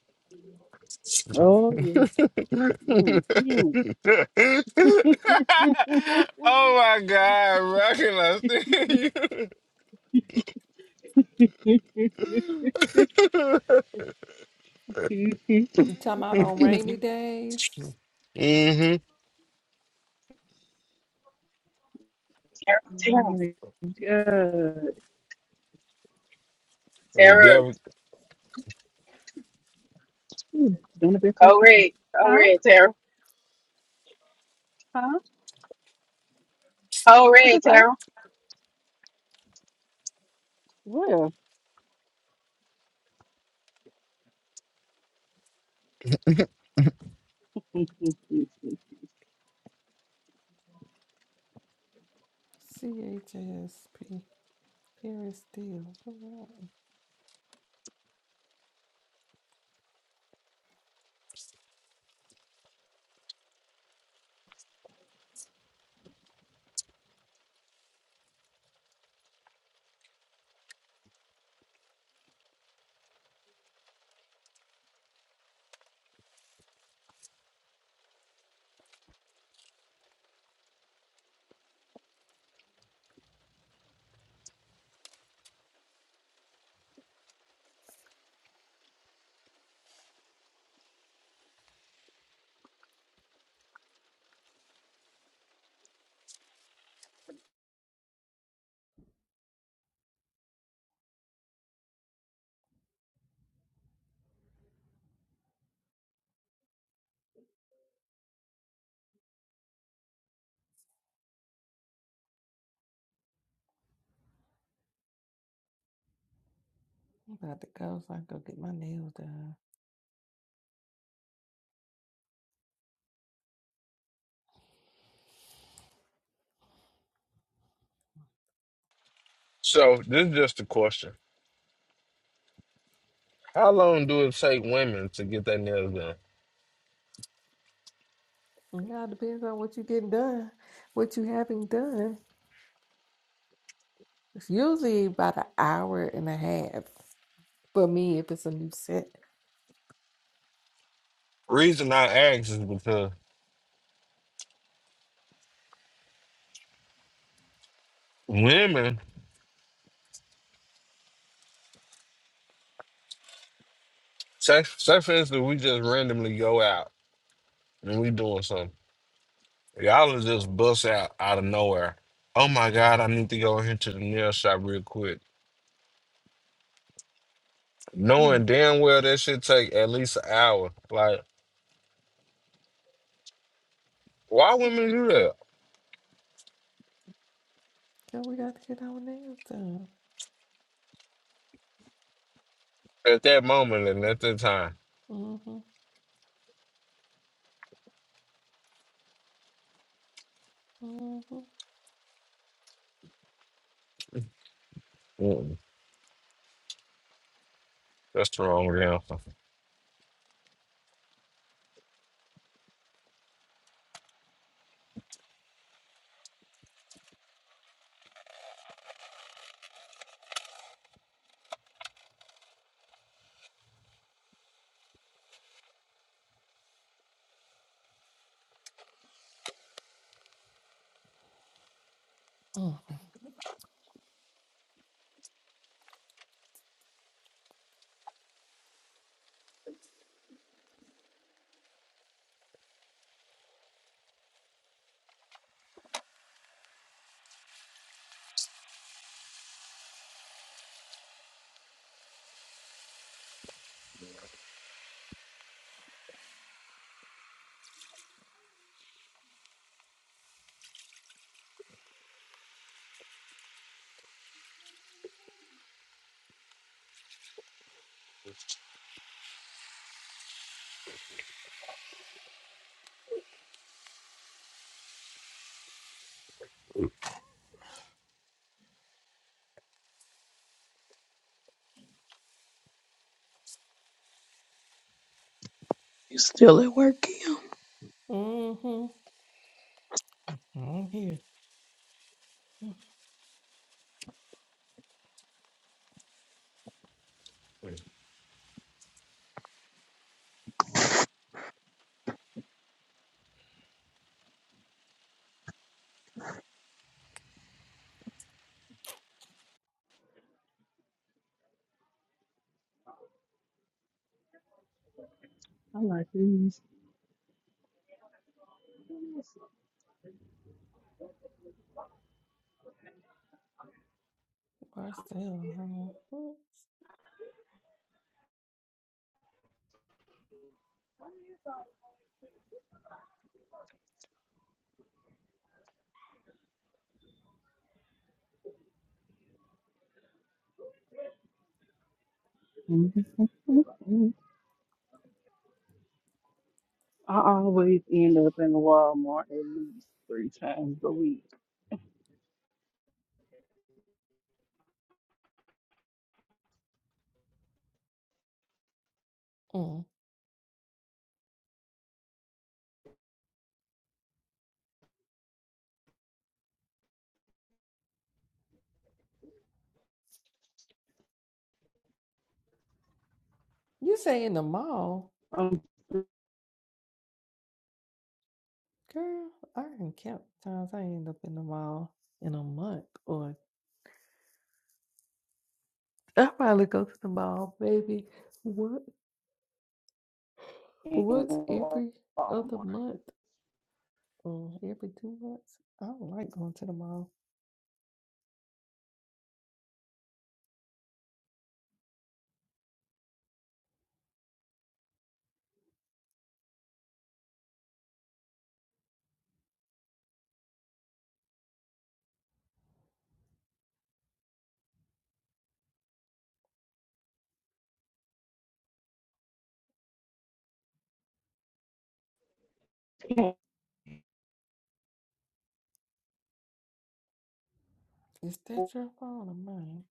G: Oh, yes.
B: oh my
G: Mm, mm.
B: God, bro. I cannot stand you.
G: oh,
M: You talking about on rainy days?
B: Mm-hmm.
O: Tara, Tara,
G: my God.
B: The
O: Tara,
B: devil.
G: Doing the best I
O: code
G: can.
O: red, code
G: Huh?
O: red, Tara,
G: Huh?
O: code
G: What you
O: red,
G: say?
O: Tara.
G: Well. I
M: CHSP. Gary Steele. I'm about to go so I can go get my nails done.
B: So this is just a question. How long do it take women to get their nails done?
M: Now it depends on what you getting done, what you having done. It's usually about an hour and a half for me if it's a new set.
B: Reason I ask is because women Say, say for instance, we just randomly go out and we doing something. Y'all will just bust out out of nowhere. Oh my God, I need to go in here to the nail shop real quick.
M: mm
B: Knowing damn well that should take at least an hour. Like, why
M: mm.
B: women do that
M: And we got to get our nails done.
B: at that moment and at that time?
M: Mm-hmm. Mm-hmm.
B: Mm-mm. That's the wrong answer.
M: Mm-hmm.
E: You still at work, Kim?
M: Mm-hmm. I'm here. Mm,
G: like these.
M: Marcel, huh? Mm,
G: Mhm. Okay. I always end up in Walmart at least three times a week.
M: mm. You say in the mall,
G: I'm
M: girl? I can count times I end up in the mall in a month, or I probably go to the mall maybe what
G: in
M: once
G: Walmart.
M: every other month. Mm, every two months. I don't like going to the mall. Is that your phone or mine?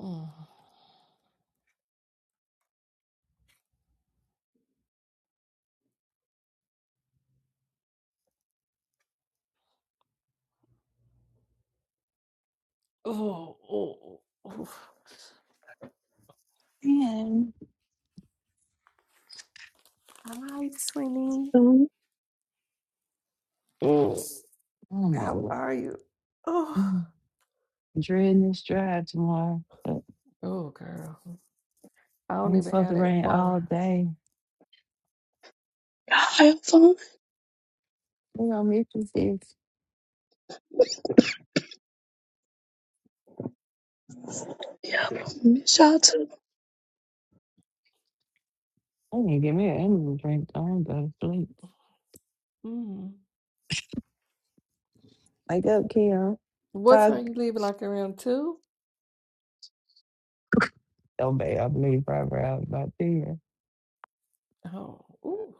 M: Mm. Oh, oh, oh.
P: Man,
M: Hi, Sweeney.
E: Um, you
M: Mm.
P: I don't
M: How
P: know.
M: are you? Oh,
P: Mm, Dreading this drive tomorrow. But
M: oh, girl. I don't
P: it's
M: even
P: supposed
M: have
P: to
M: that
P: rain all
M: far.
P: day.
E: have fun.
P: We gonna miss this. sis.
E: Yeah, miss y'all too.
P: I need to get me an energy drink. I don't go to sleep.
M: Mm.
P: Wake up, Kim.
M: What
P: Talk.
M: time you leaving? Like around two?
P: Oh, babe, I believe probably out about there.
M: Oh, ooh.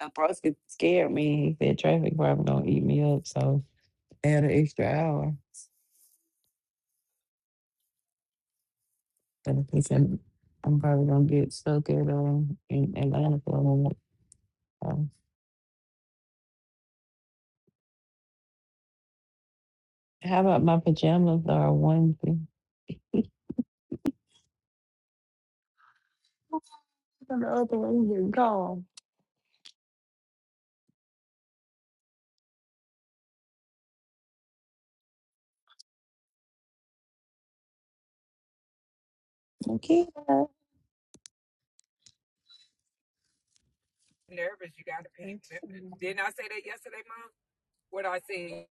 P: My broski scared me. He said traffic probably gonna eat me up, so add an extra hour. But he said I'm probably gonna get stuck at um in Atlanta for a moment. So, how about my pajamas or a onesie? And the other one here gone. Nakia,
H: Nervous, you got to pay attention. Didn't I say that yesterday, Mom? What I said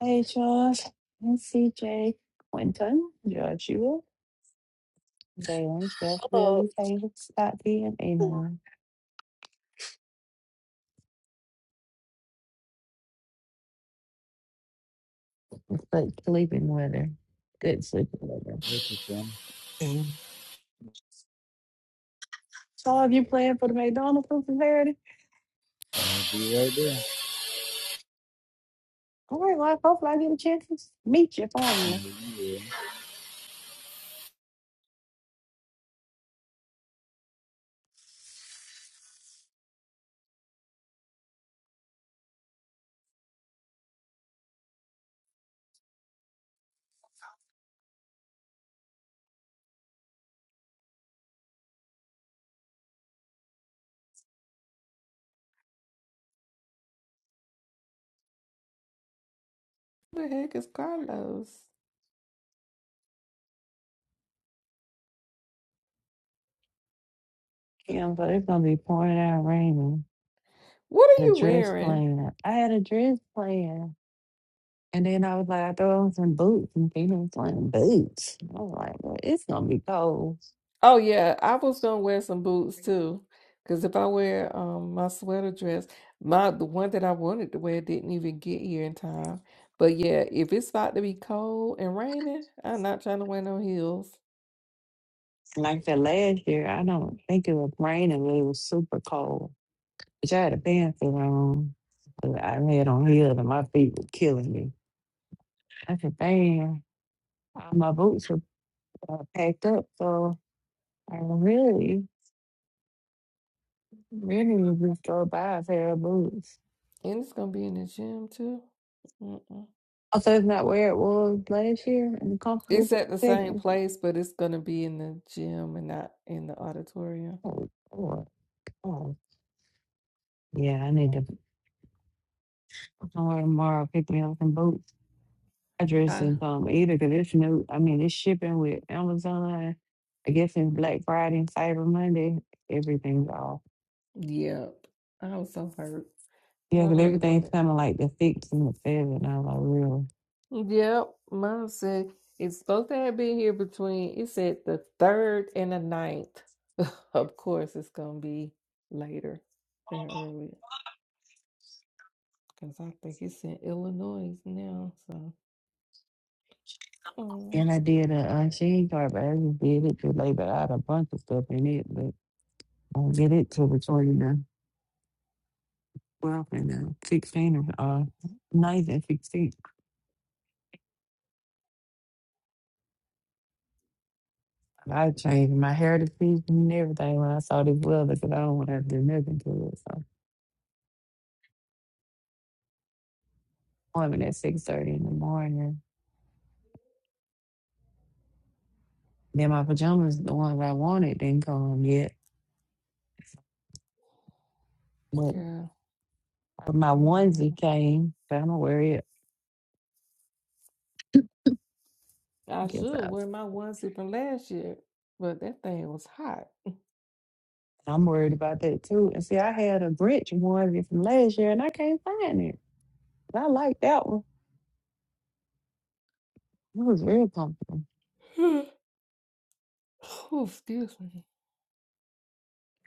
P: hey Josh, and CJ, Quentin, Joshua, Jalen, Jeff, Lily, Taylor, Scotty, and Anon. But sleeping with her. Good sleeping with her.
I: That's your family.
P: So have you planned for the McDonald's for Saturday?
I: I'll be right there.
P: All right, well, hopefully I get a chance to meet your formula.
I: Yeah. yeah.
M: Who the heck is Carlos?
P: Yeah, but it's gonna be pouring out raining.
M: What are
P: The
M: you
P: dress
M: wearing?
P: plan. I had a dress plan. And then I was like, I throw on some boots, and Peter was wearing boots. I was like, well, it's gonna be cold.
M: Oh yeah, I was gonna wear some boots
P: And
M: too, because if I wear um my sweater dress, my the one that I wanted to wear didn't even get here in time. But yeah, if it's about to be cold and raining, I'm not trying to wear no heels,
P: Like that last year, I don't think it was raining, but it was super cold. But I had a pantsuit on, but I had on heels, and my feet were killing me. I said, "Damn, all my boots were uh, packed up, so I really, really just go buy a pair of boots."
M: and it's gonna be in the gym too. Mm-mm.
P: Also, it's not where it was last year in the comfortable
M: It's at the same
P: section.
M: place, but it's gonna be in the gym and not in the auditorium.
P: Oh, Lord. oh, yeah, I need to somewhere tomorrow picking up some boots. I dress
M: I
P: in some either because it's new. I mean, it's shipping with Amazon. I guess it's Black Friday and Cyber Monday. Everything's off.
M: yep, I was so hurt 'cause
P: Yeah,
M: I
P: because
M: really
P: everything's
M: wanted
P: kind of like the six and the seven. I was like, real.
M: Yep, mine said it's supposed to have been here between it said the third and the ninth. Of course, it's gonna be later than earlier because I think it's in Illinois now. So, mm,
P: And I did a uh, sheen card, but I just did it to label out a bunch of stuff in it, but I will get it till the 29th, 12th, and the 16th, or, uh, 9th and 16th. I changed my hair to pink and everything when I saw this weather because I don't want to do nothing to it. So. appointment at six thirty in the morning. Then my pajamas, the ones I wanted, didn't come yet. But
M: girl,
P: my
M: I don't
P: onesie
M: know.
P: came. So I'm gonna worried.
M: I
P: Guess
M: should
P: I,
M: wear my onesie from last year, but that thing was hot.
P: I'm worried about that too. And see, I had a Grinch onesie from last year, and I can't find it. But I like that one. It was very comfortable.
M: Oh, excuse me.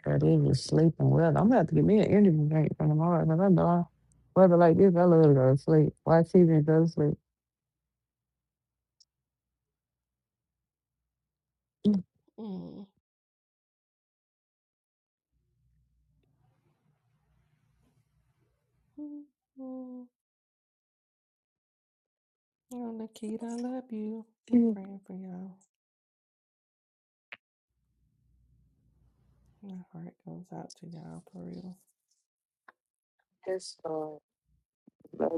P: But it was sleeping well. I'm gonna have to get me an energy drink for tomorrow because I know I, weather like this, I love to go to sleep. Watch TV and go to sleep.
M: Mm, mm, mm. Oh, Nikita, I love you. I'm
P: Yeah,
M: praying for y'all. My heart goes out to y'all for real.
P: That's uh, love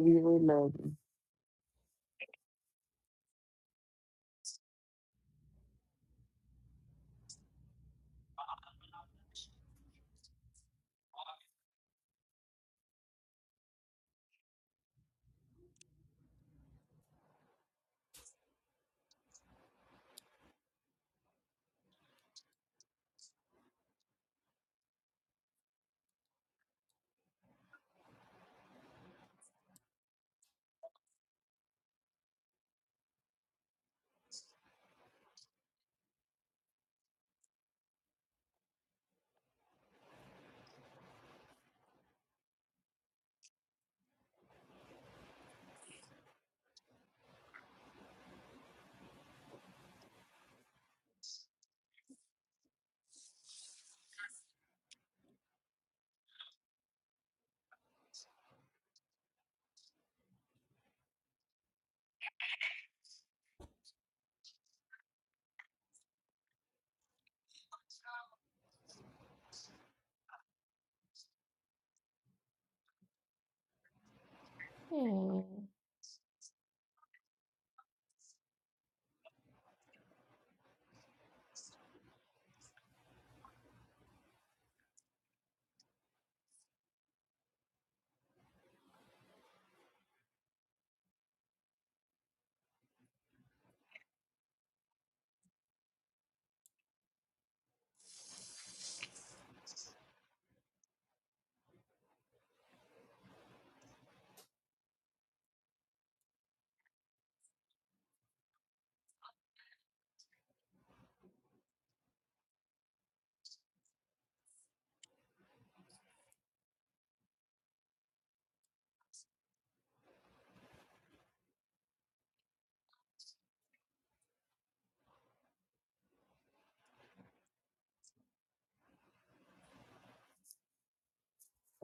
P: you, we love
M: Hmm.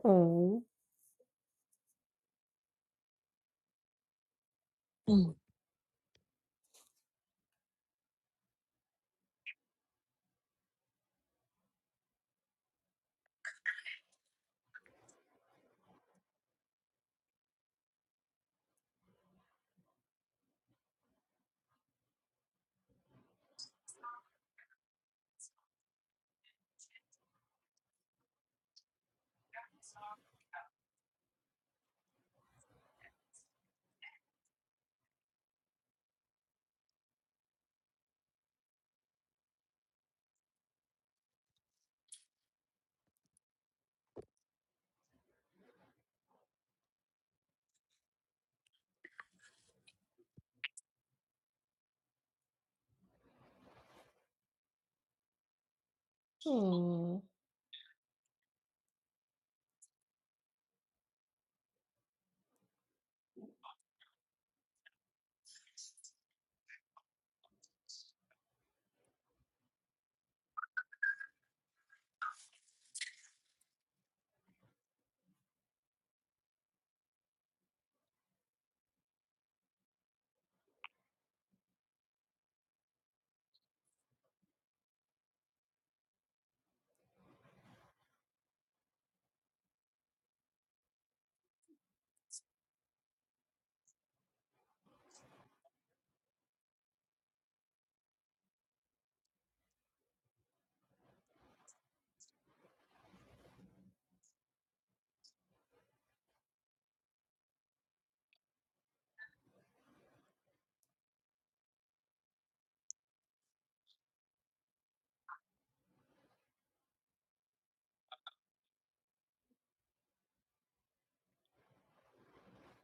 M: Oh.
P: you.
M: Hmm.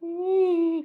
M: hey,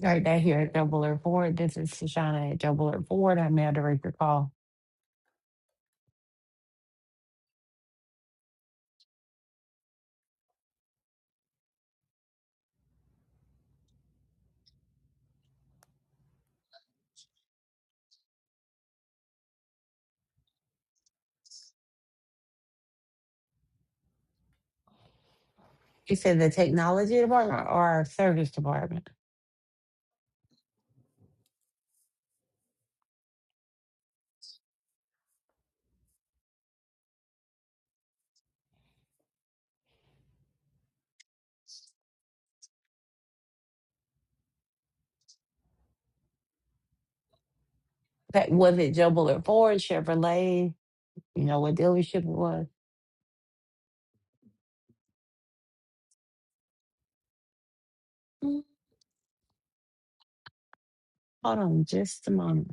P: Right back here at Double Air Ford. This is Shoshana at Double Air Ford. I'm now director call. You said the technology department or our service department? That was it Double Air Ford, Chevrolet, you know what dealership it was? Mm, Hold on just a moment.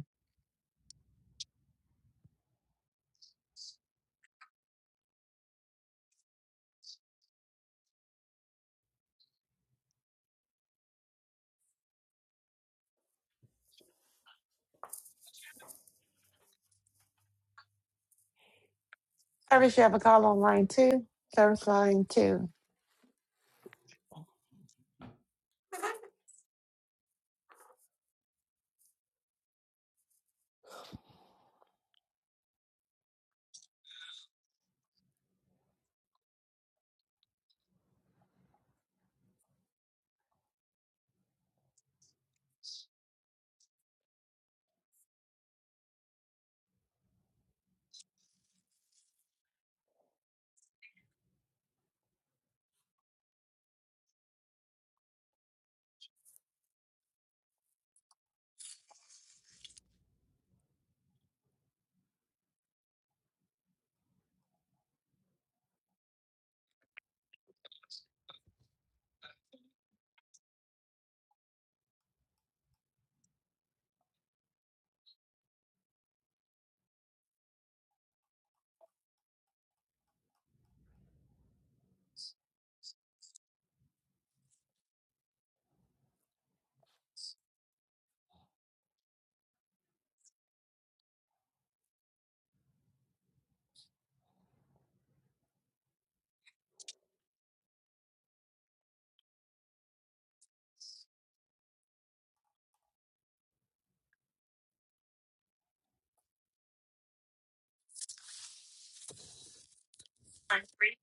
P: Service, you have a call on line two? Service line two. Line three.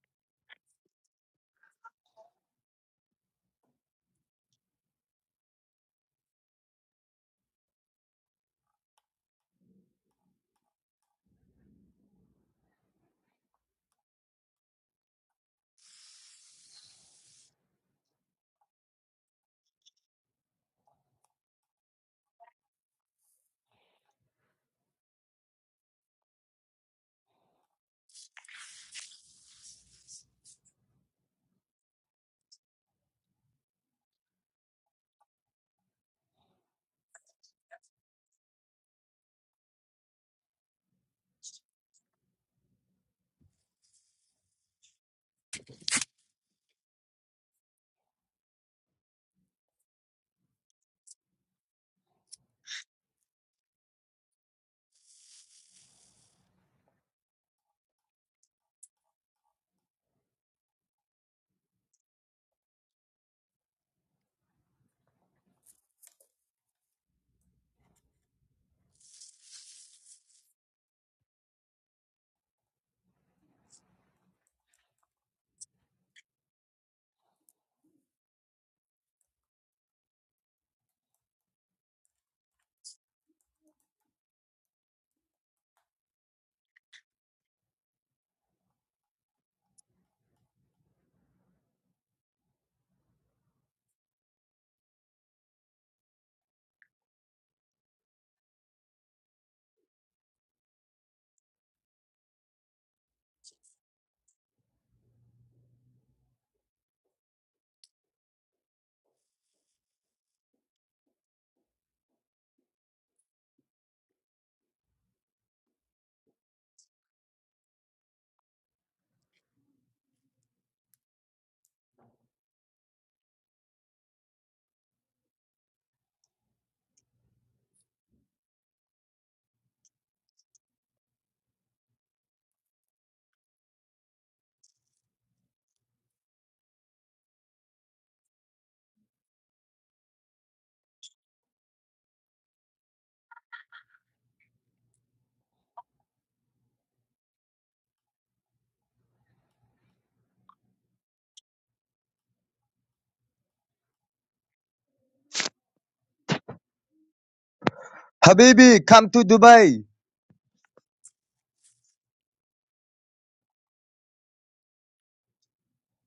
Q: Habibi, come to Dubai.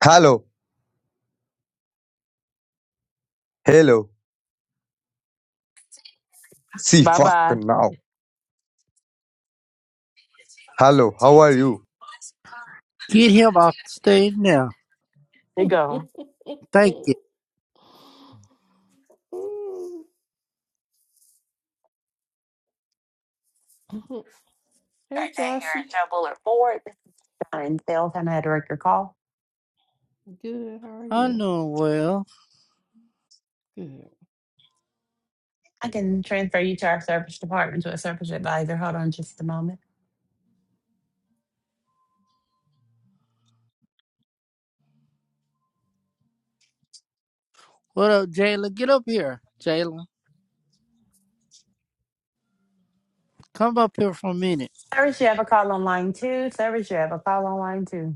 Q: Hello, hello. See,
R: Bye
Q: fuck
R: bye.
Q: now. Hello, how are you?
S: Get him off the stage now.
R: You go.
S: Thank you.
P: Right down here
M: Joshy.
P: at Double Air Ford. This is Shauna in sales. I'm now director call.
M: Good. How are
S: I
M: you?
S: know well.
M: Good.
P: I can transfer you to our service department to a service advisor. Hold on just a moment.
S: What up, Jalen? Get up here, Jalen. Come up here for a minute.
P: Service, you have a call on line two. Service, you have a call on line two.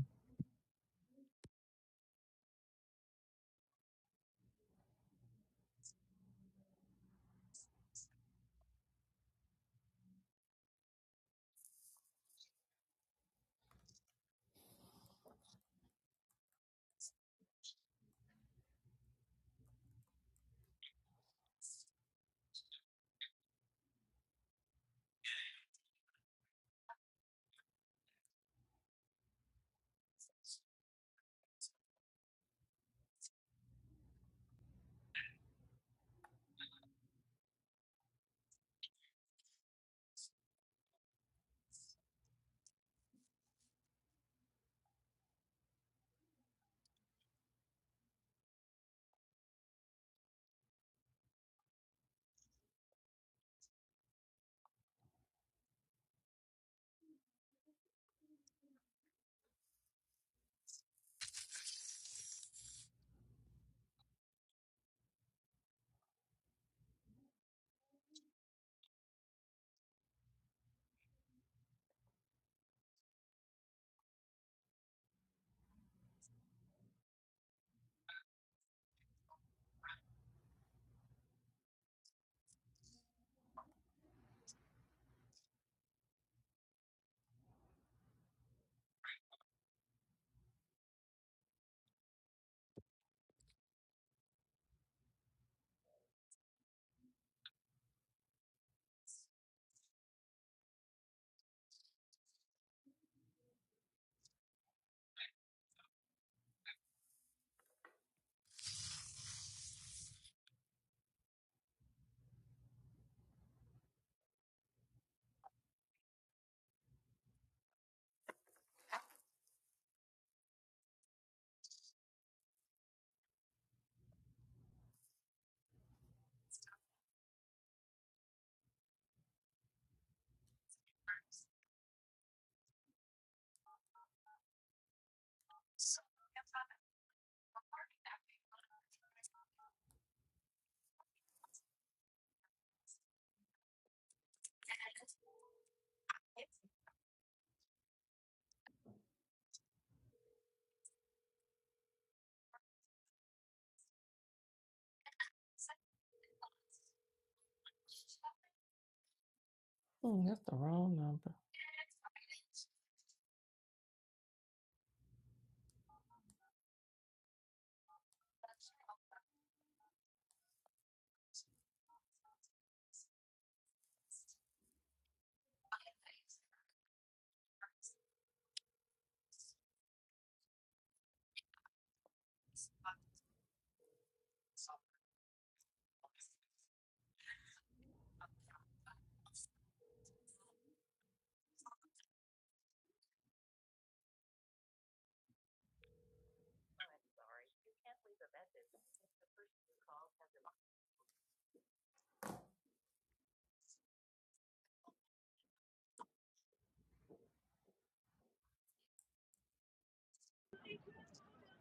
M: Mm, that's the wrong number.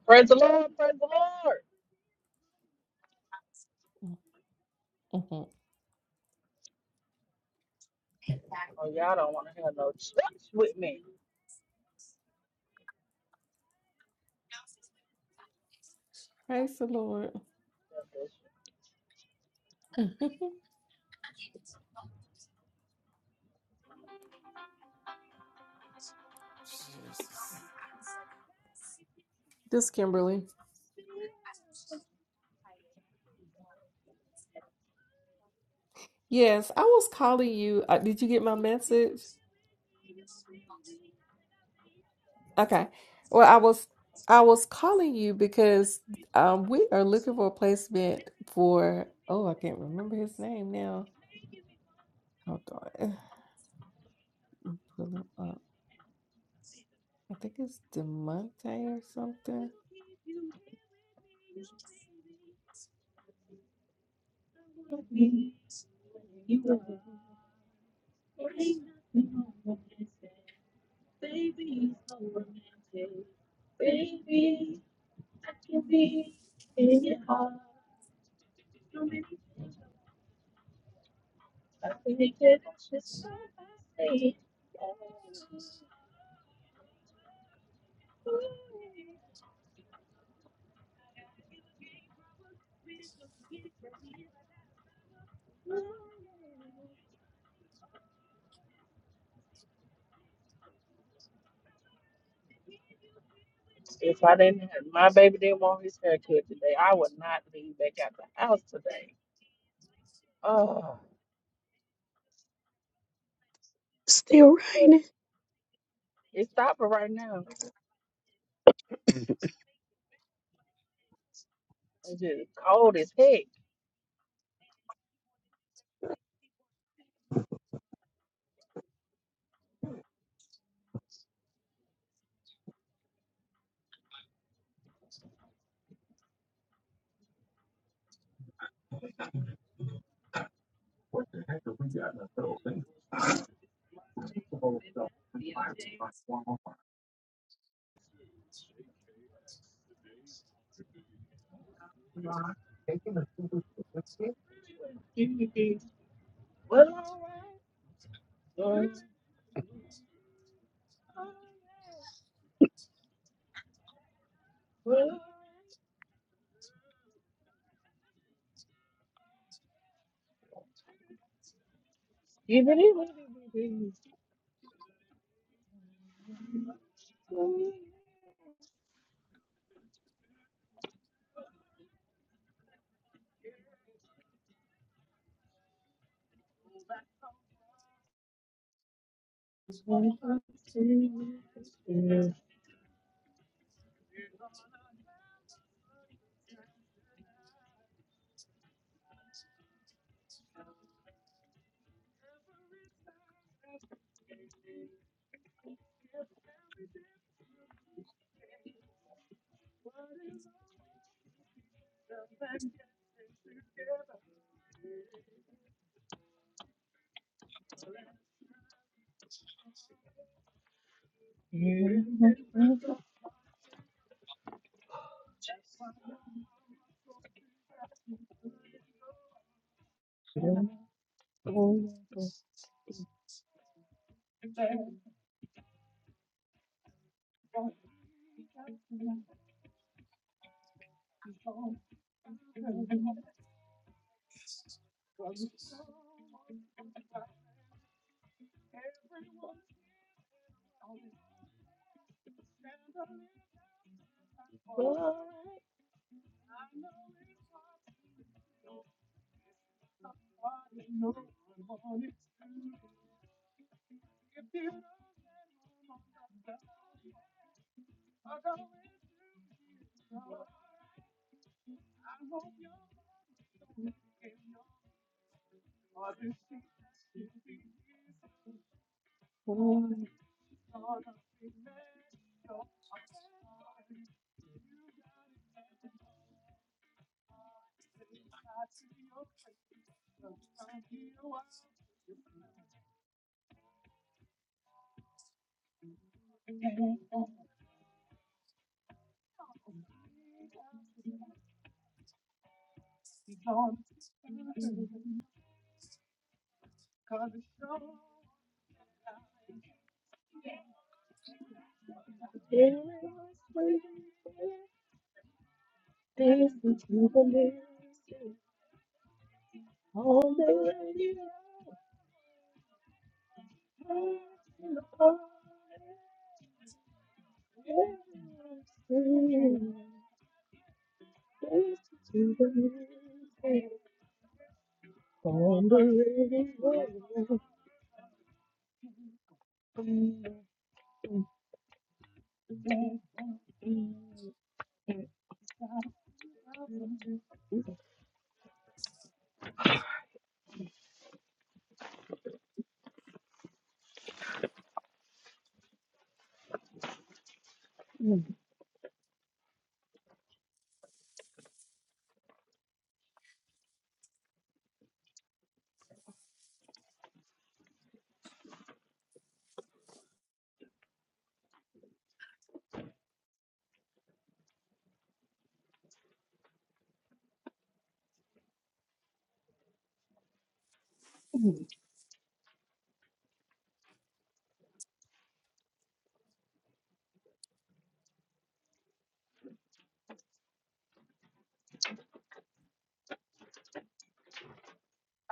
G: Praise the Lord, praise the Lord.
M: Mm, mhm.
G: Oh, y'all don't want to have no church with me.
M: Praise the Lord. Jesus. This Kimberly. Yes, I was calling you. Uh, did you get my message? Okay. Well, I was I was calling you because um we are looking for a placement for oh I can't remember his name now. Hold on. Pull him up. I think it's Demonte or something.
G: If I didn't have my baby didn't want his haircut today, I would not leave back out the house today. Oh,
E: Still raining.
G: it's stopping right now. It's just cold as heck. well, all right. Well, even if it is if you don't go for it, this is you believe all the way you are and all everything. This is you believe on the radio.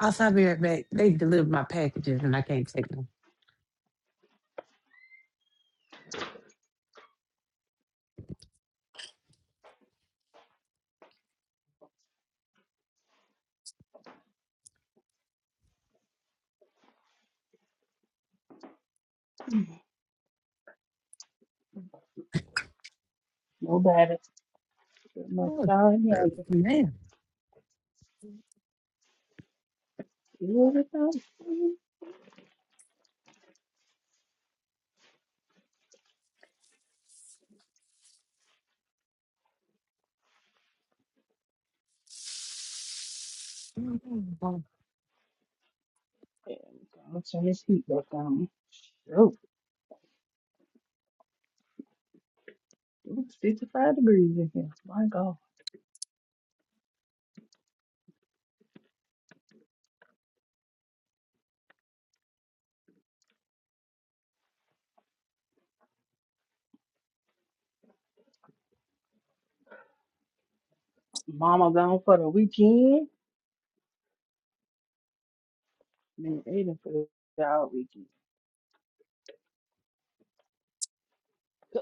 P: Also, I'll be right back. They delivered my packages and I can't take them.
G: Nobody but just
P: Oh,
G: star
P: man.
G: young. There we go. Let's turn this heat back on. Oh, it's 55 degrees in here. My God. Mama gone for the weekend. Man, Aiden for the dog weekend.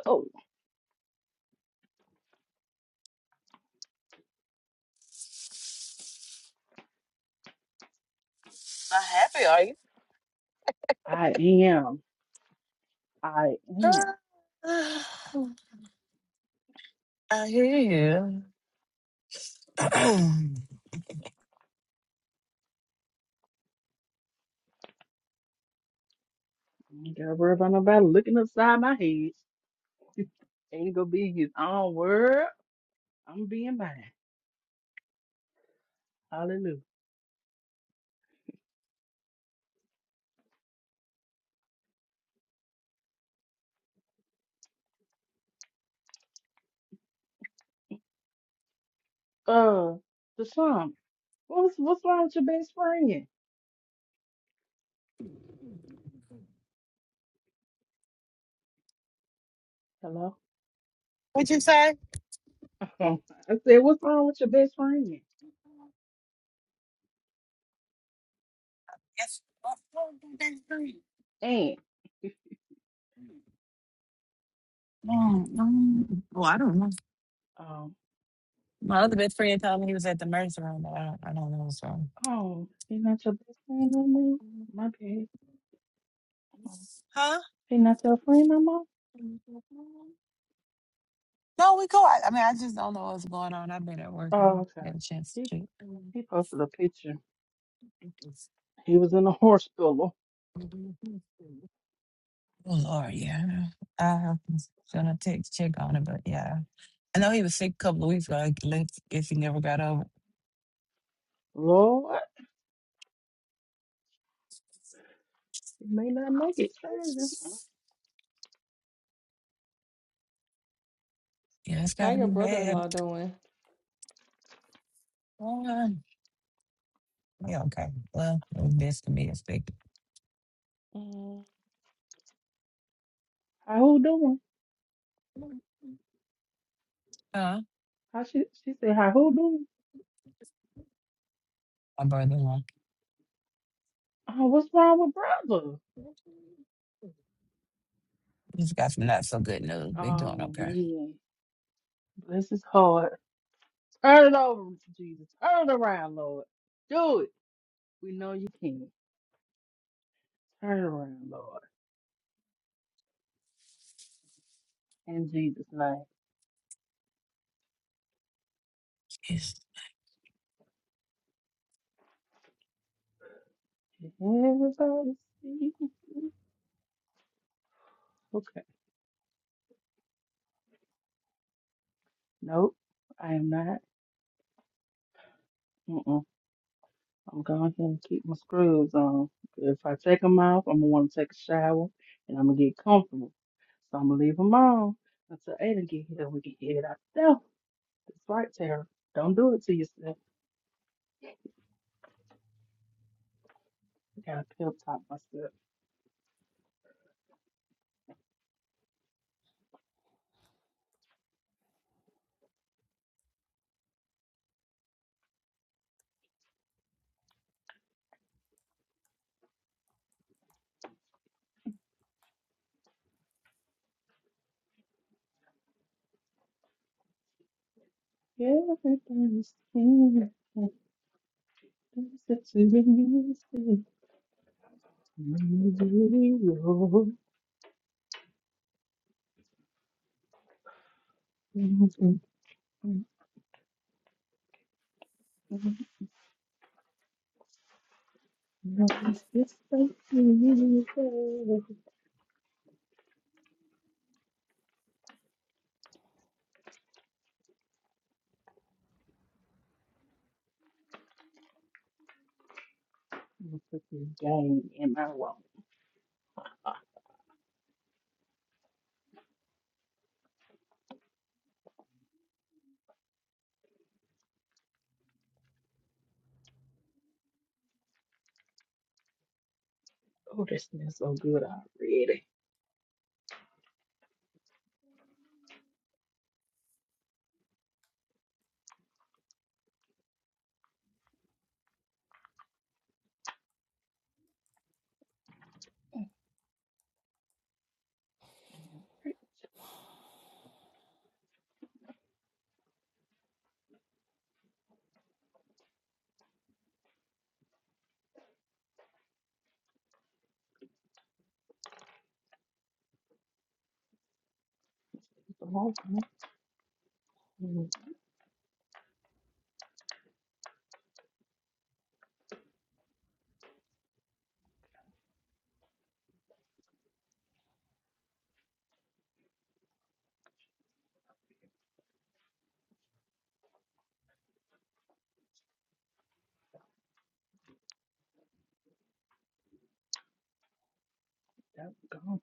G: Oh,
R: Not happy, are you?
G: I am. I am.
R: I hear you.
G: I ain't gotta worry about nobody looking upside my head. Aiden gonna be in his own world. I'm being mine. Hallelujah. Uh, the What's what's wrong with your best friend? Hello.
P: What'd you say?
G: I said, what's wrong with your best friend?
P: Yes. Oh,
G: And
P: mm. Well, I don't know.
G: um,
P: My other best friend told me he was at the mercy room, but I don't, I don't know. So,
G: Oh, he not your best friend no more? My bad. Oh,
P: huh?
G: He not your friend no more?
P: No, we cool. I, I mean, I just don't know what's going on. I've been at work
G: Oh,
P: and
G: okay.
P: had a chance
G: He
P: to
G: he posted a picture. He was in a horse pillow.
P: check. Well, Oh Lord, yeah. I am gonna take check on it, but yeah. I know he was sick a couple of weeks ago. I guess guess he never got over. it.
G: Lord, he may not make it Thursday.
P: Yeah, it's
M: How
P: got to
M: your
P: be bad.
M: brother-in-law doing?
P: Uh, yeah, okay. Well, it was best to be expected.
M: Mm,
G: How who doing?
P: Huh?
G: How she she said, How who doing?
P: My brother-in-law.
G: Oh, what's wrong with brother?
P: He's got some not so good news. They doing
G: Oh
P: okay.
G: man, this is hard. Turn it over, Jesus. Turn it around, Lord. Do it. We know you can. Turn it around, Lord. In Jesus' name.
P: Yes.
G: Everybody see. Okay. Nope. I am not. Mm-mm. I'm going here and keep my scrubs on. If I take them off, I'm gonna want to take a shower and I'm gonna get comfortable. So I'm gonna leave them on until Aiden get here. We can get it out there. That's right, Tara. Don't do it to yourself. I gotta pep talk myself. Everything's here. Everything's that you been missing. Video. Nothing's just like you. I'm gonna put this game in my wallet. Oh, this smells so good already. It's a long time. Mm, that's gone.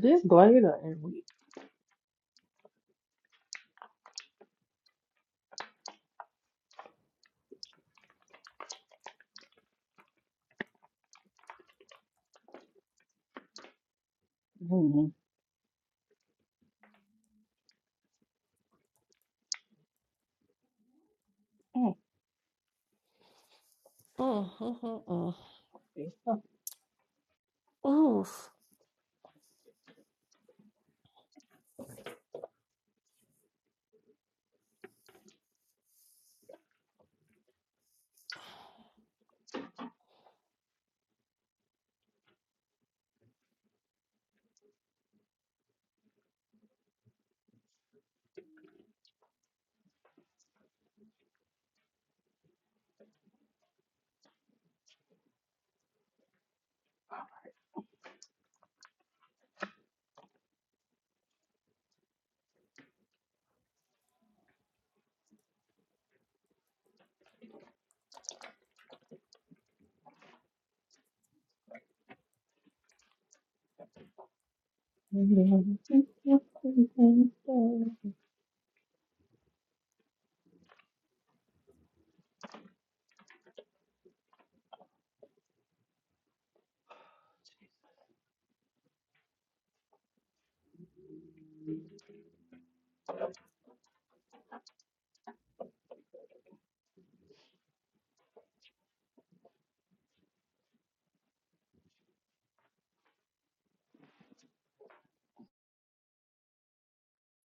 G: This glider and we. Mm, mm,
M: mm, mm, mm,
G: it's so-
M: mm. Oof.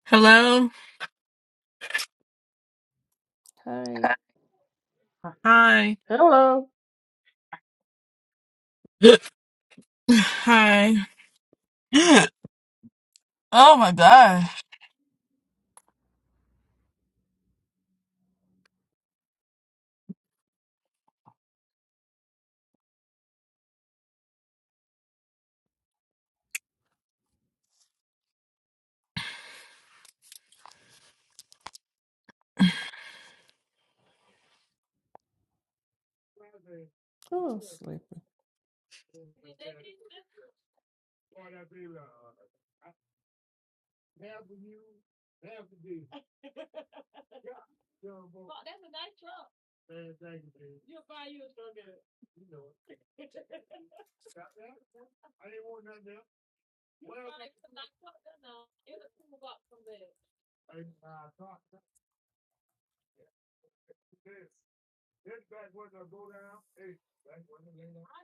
T: Hello.
M: Hey.
G: Huh.
T: Hi.
G: Hello.
T: Hi. Oh my gosh.
M: Oh, I'm sleepy.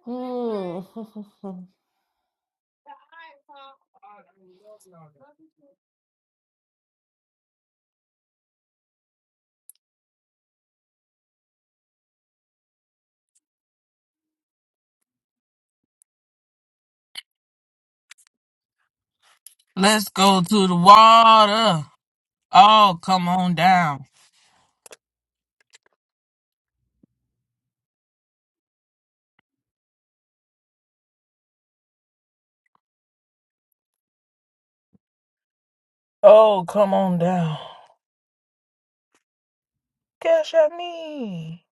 M: Mm,
T: Let's go to the water. Oh, come on down. Oh, come on down. Gosh, I need.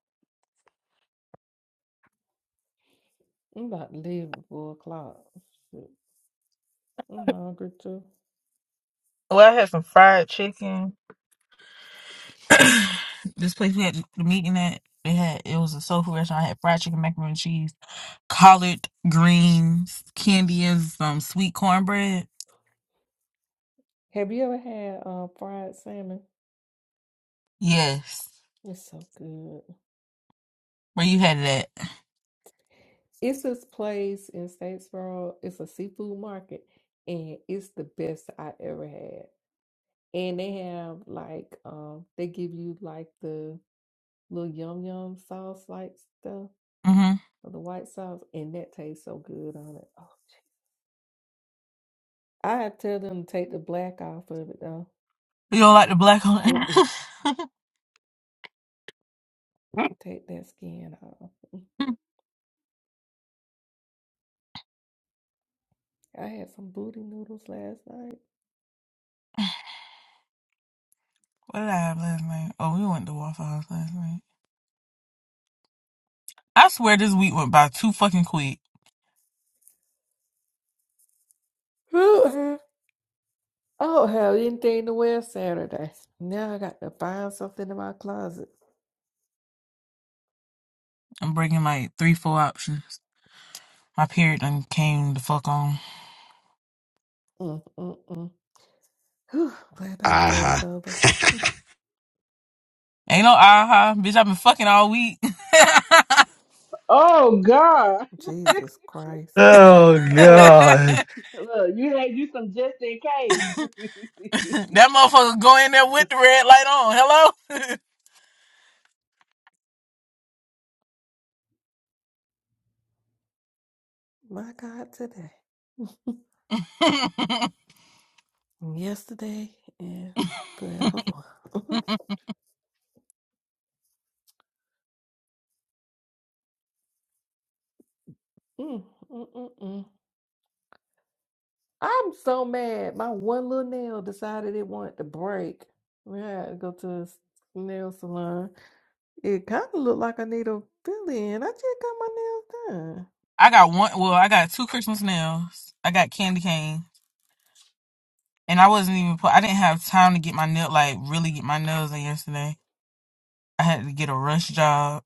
M: I'm about to leave at four o'clock. I'm hungry too.
T: Well, I had some fried chicken. this place we had the meeting at, they had it was a soul food restaurant. I had fried chicken, macaroni and cheese, collard greens, candy, and some sweet cornbread.
M: Have you ever had uh, fried salmon?
T: Yes.
M: It's so good.
T: Where you had it at?
M: It's this place in Statesboro. It's a seafood market, and it's the best I ever had. And they have like um, they give you like the little yum yum sauce like stuff
T: hmm
M: or the white sauce, and that tastes so good on it. Oh, gee. I had to tell them to take the black off of it though.
T: You don't like the black on it?
M: Mm-mm. Take that skin off. Mm. I had some booty noodles last night.
T: What did I have last night? Oh, we went to Waffle House last night. I swear this week went by too fucking quick.
M: Ooh, I don't have anything to wear Saturday. Now I got to find something in my closet.
T: I'm bringing like three, four options. My period done came the fuck on.
M: Mm, mm, mm. Whew, glad those days
K: Aha.
M: over.
T: Ain't no aha, bitch. I've been fucking all week. that
G: Oh God.
M: Jesus Christ.
K: Oh
G: oh,
K: God.
G: look, you had you some just in case.
T: motherfucker go in there with the red light on. Hello.
M: My God, today. Yesterday and forevermore. Mm, mm, mm, mm. I'm so mad. My one little nail decided it wanted to break. We had to go to a s- nail salon. It kind of looked like I need a fill in. I just got my nails done.
T: I got one. Well, I got two Christmas nails. I got candy cane, and I wasn't even. Put, I didn't have time to get my nail like really get my nails in yesterday. I had to get a rush job.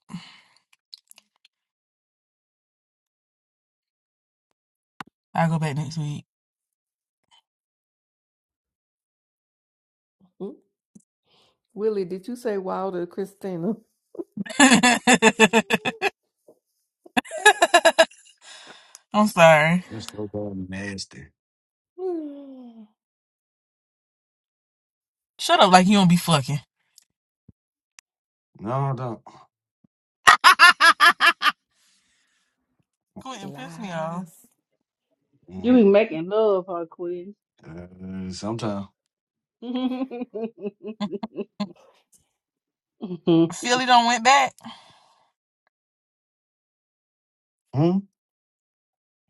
T: I'll go back next week.
M: Mm. Willie, did you say Wilder Christina?
T: I'm sorry.
K: It's so damn nasty.
T: Shut up, like you don't be fucking.
K: No, I don't.
T: Quit and piss me off.
M: Lies.
G: you
K: Mm-hmm.
G: be making love, huh, Quinn?
K: Uh, sometime.
T: Philly done went back.
K: Hmm?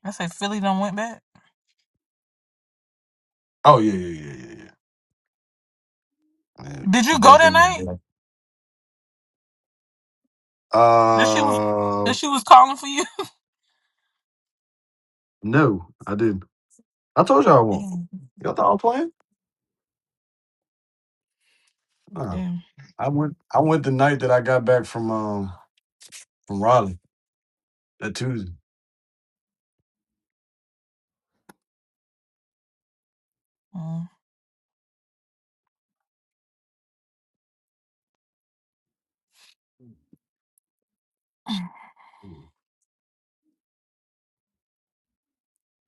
T: I said Philly done went back.
K: Oh yeah, yeah, yeah, yeah, yeah. Yeah,
T: Did
K: Her
T: you go
K: birthday
T: that
K: was a
T: night?
K: day.
T: That she was
K: Uh,
T: that she was calling for you.
K: no, I didn't. I told y'all I won't.
T: Damn.
K: Y'all thought I was playing? No,
T: Damn.
K: I went. I went the night that I got back from um from Raleigh that Tuesday.
T: Mm.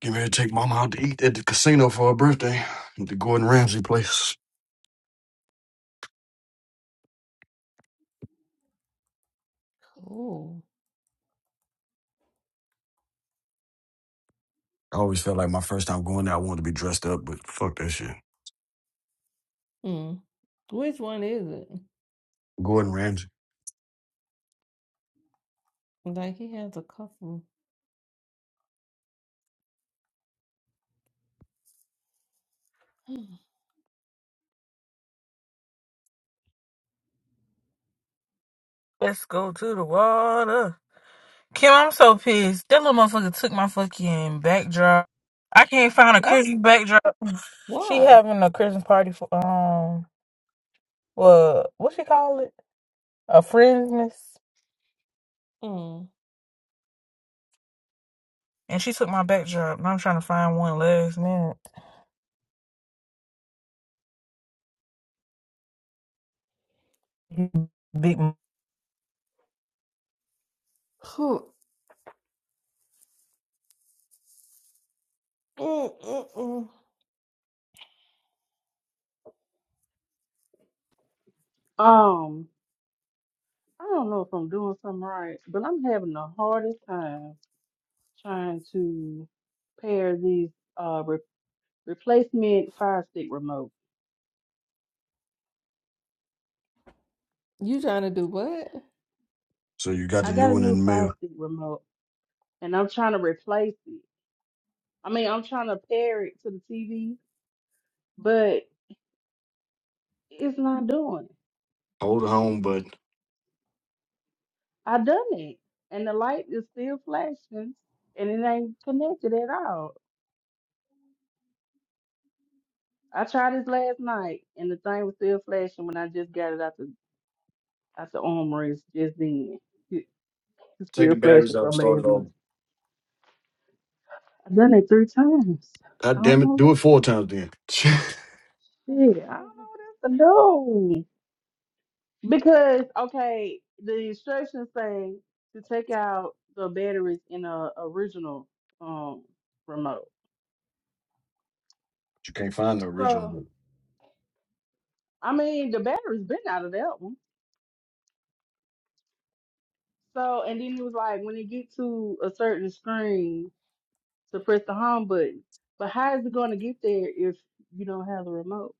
K: Get ready to take mama out to eat at the casino for her birthday at the Gordon Ramsay place.
M: Oh.
K: I always felt like my first time going there, I wanted to be dressed up, but fuck that shit.
M: Mm. Which one is it?
K: Gordon Ramsay.
M: Like he has a couple.
T: Let's go to the water. Kim, I'm so pissed. That little motherfucker took my fucking backdrop. I can't find a That's Christmas backdrop. She
M: Why?
T: having a Christmas party for um, well, what she call it? A friendness.
M: Mm.
T: And she took my backdrop, and I'm trying to find one last minute. Big.
M: Huh. Mm, mm, mm.
G: um, I don't know if I'm doing something right, but I'm having the hardest time trying to pair these uh re- replacement Fire Stick remote.
M: You trying to do what?
K: So you got
G: I
K: the
G: got
K: new
G: a
K: one
G: new
K: in the
G: Fire
K: mail.
G: Stick remote, and I'm trying to replace it. I mean, I'm trying to pair it to the TV, but it's not doing. it.
K: Hold it home, but
G: I done it, and the light is still flashing, and it ain't connected at all. I tried this last night, and the thing was still flashing when I just got it out the out the armory just then. It's
K: take the
G: still
K: batteries
G: flashing
K: out and
G: from
K: start it
G: last night.
K: over.
G: I've done it three times. I
K: God
G: don't
K: damn it.
G: know what
K: Do it
G: else
K: four times then. you
G: to do. Shit, I don't know what else to do. Because, okay, the instructions say to take out the batteries in a original um remote.
K: can't find the original
G: So,
K: one.
G: I mean, the battery's been out of that one. So, and then it was like, when it get to a certain screen, to press the home button. But how is it going to get there if you don't have the remote?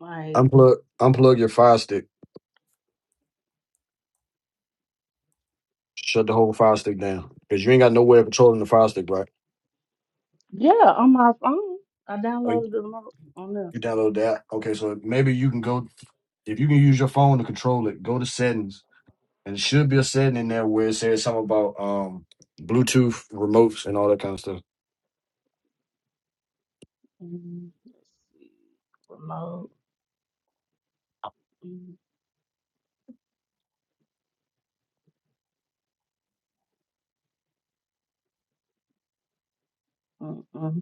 G: Like.
K: Unplug, unplug your fire stick. Shut the whole fire stick down because you ain't got no way of controlling the fire stick, right?
G: Yeah, on my phone. I
K: Oh, you
G: downloaded the remote on there.
K: you download that. Okay, so maybe you can go, if you can use your phone to control it, go to settings And it should be a setting in there where it says something about um Bluetooth remotes and all that kind of stuff.
G: Mm, let's see. Remote. Mm, mm, mm.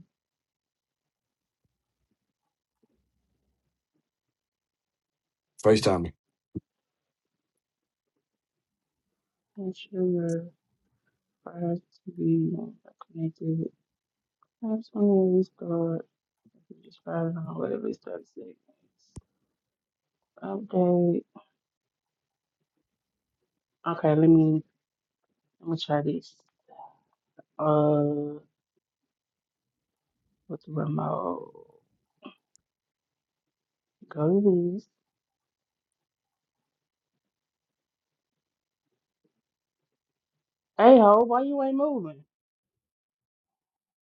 K: FaceTime me.
G: Ensure your prior TV are connected. Password restart. If you just fired on whatever restart settings. Update. Okay, let me let me try this. Uh with the remote. Go to this. Hey ho, why you ain't moving?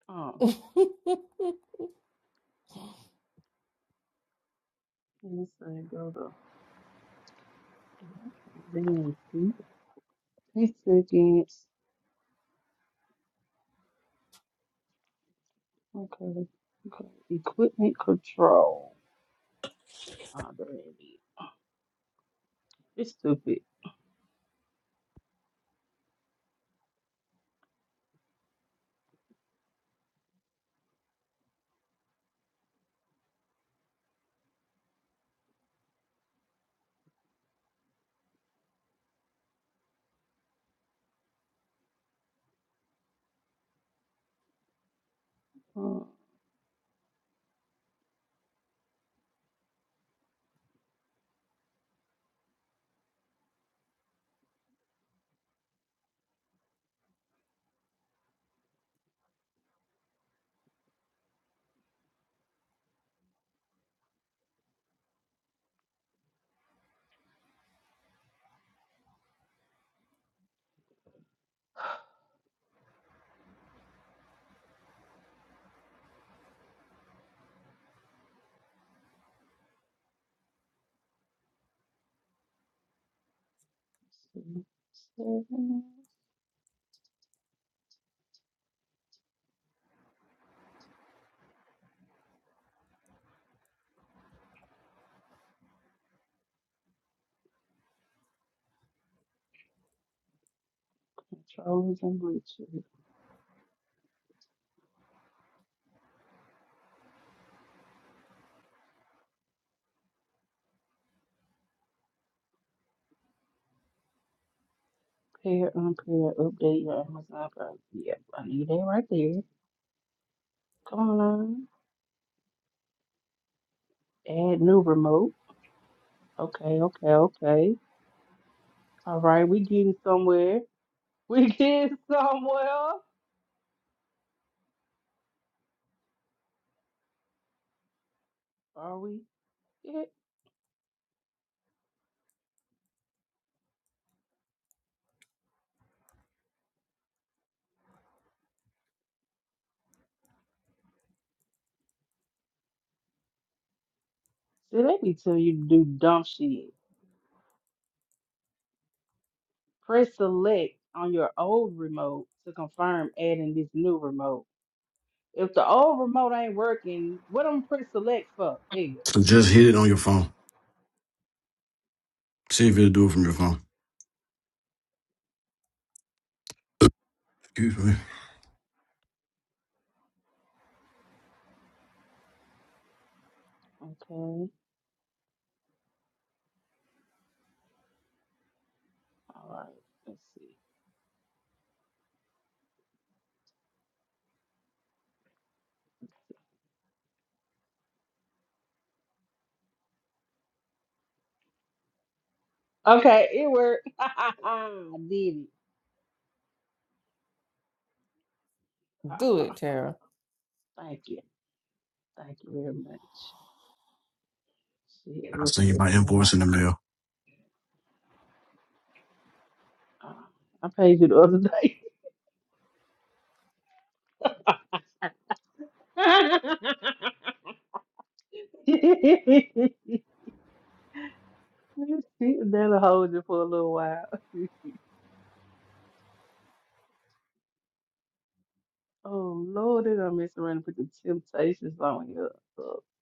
G: Oh. let me say go to I can't even see. Three seconds. okay, okay, equipment control. Ah, damn it. It's stupid. Uh, so, seven, controllers and glitches. Pair, unpair, update your Amazon. Pro- Yeah, I need that right there. Come on, line. add new remote. Okay, okay, okay. All right, we getting somewhere. We getting somewhere. Are we? Yeah. See, they be telling you to do dumb shit. Press select on your old remote to confirm adding this new remote. If the old remote ain't working, what I'm press select for? Nigga.
K: So just hit it on your phone. See if it'll do it from your phone. Excuse me.
G: Okay. All right. Let's see. Okay, it worked. I did it.
M: do it, Tara.
G: Thank you. Thank you very much. Shit, it
K: I'll
G: was
K: send you my
G: stressing me out.
K: invoice in the mail.
G: Uh, I paid you the other day. That'll hold you for a little while. oh Lord, they done mess around and put the temptations on you. Okay.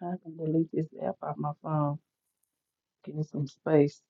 G: I can delete this app off my phone. Give me some space.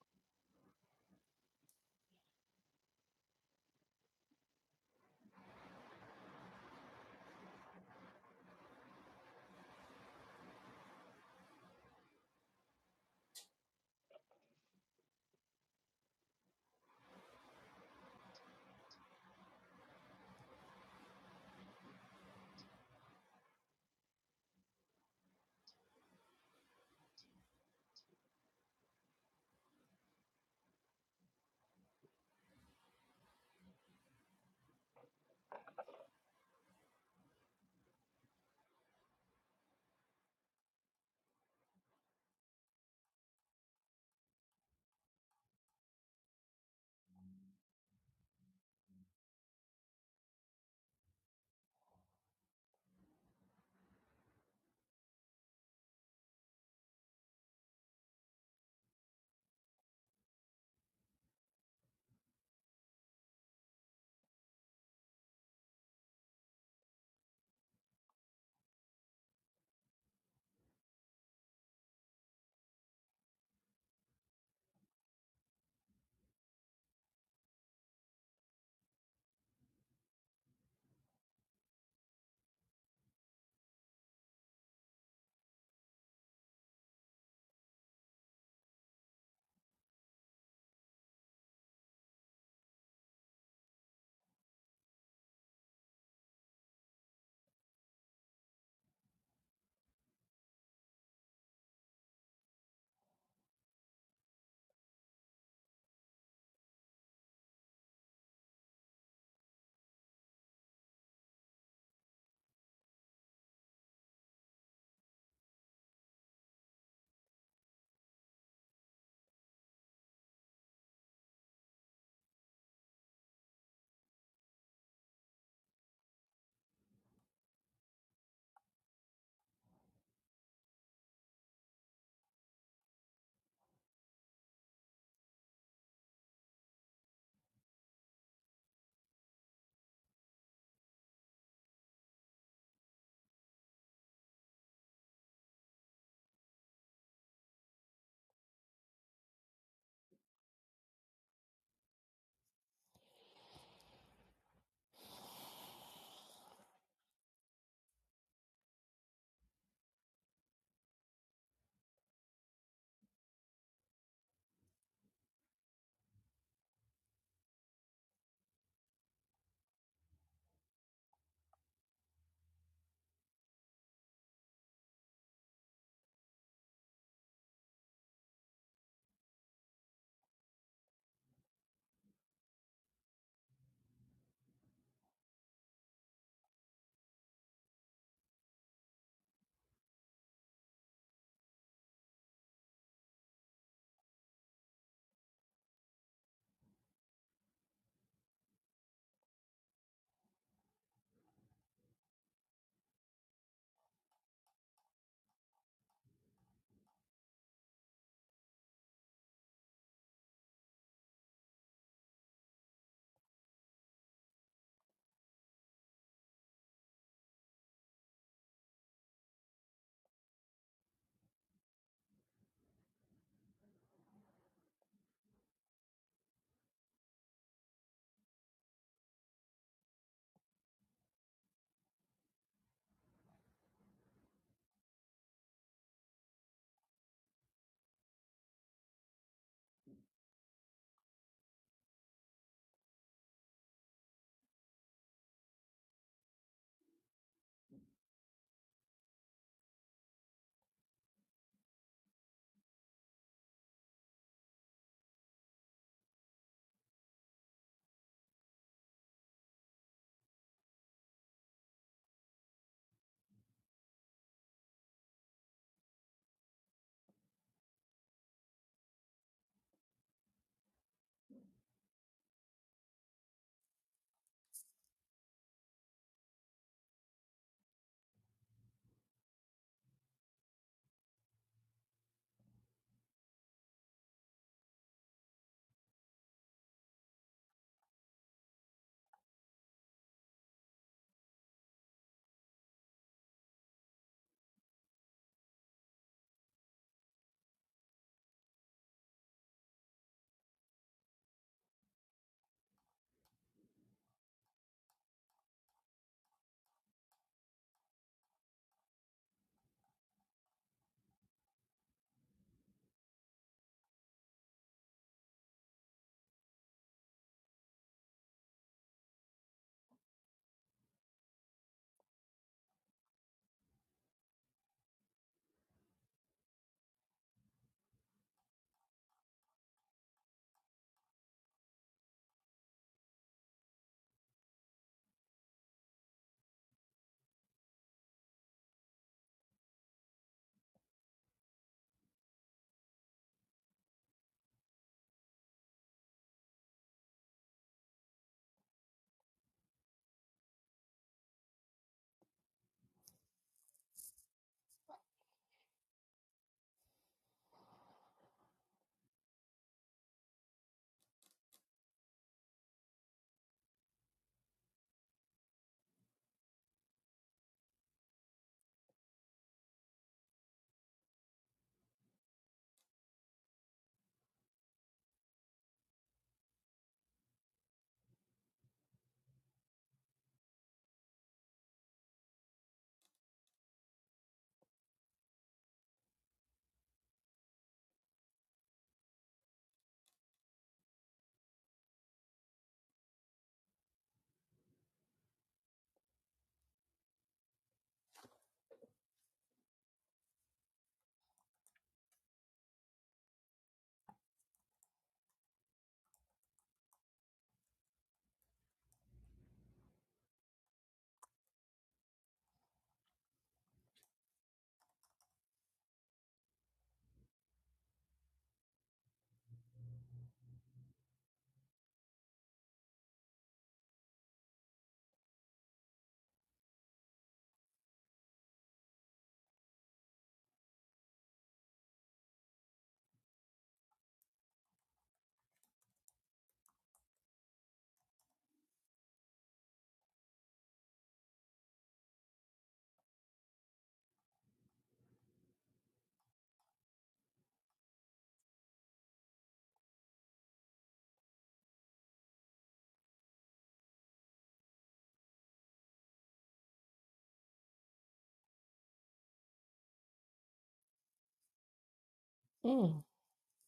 M: Mm.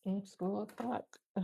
M: It's four o'clock.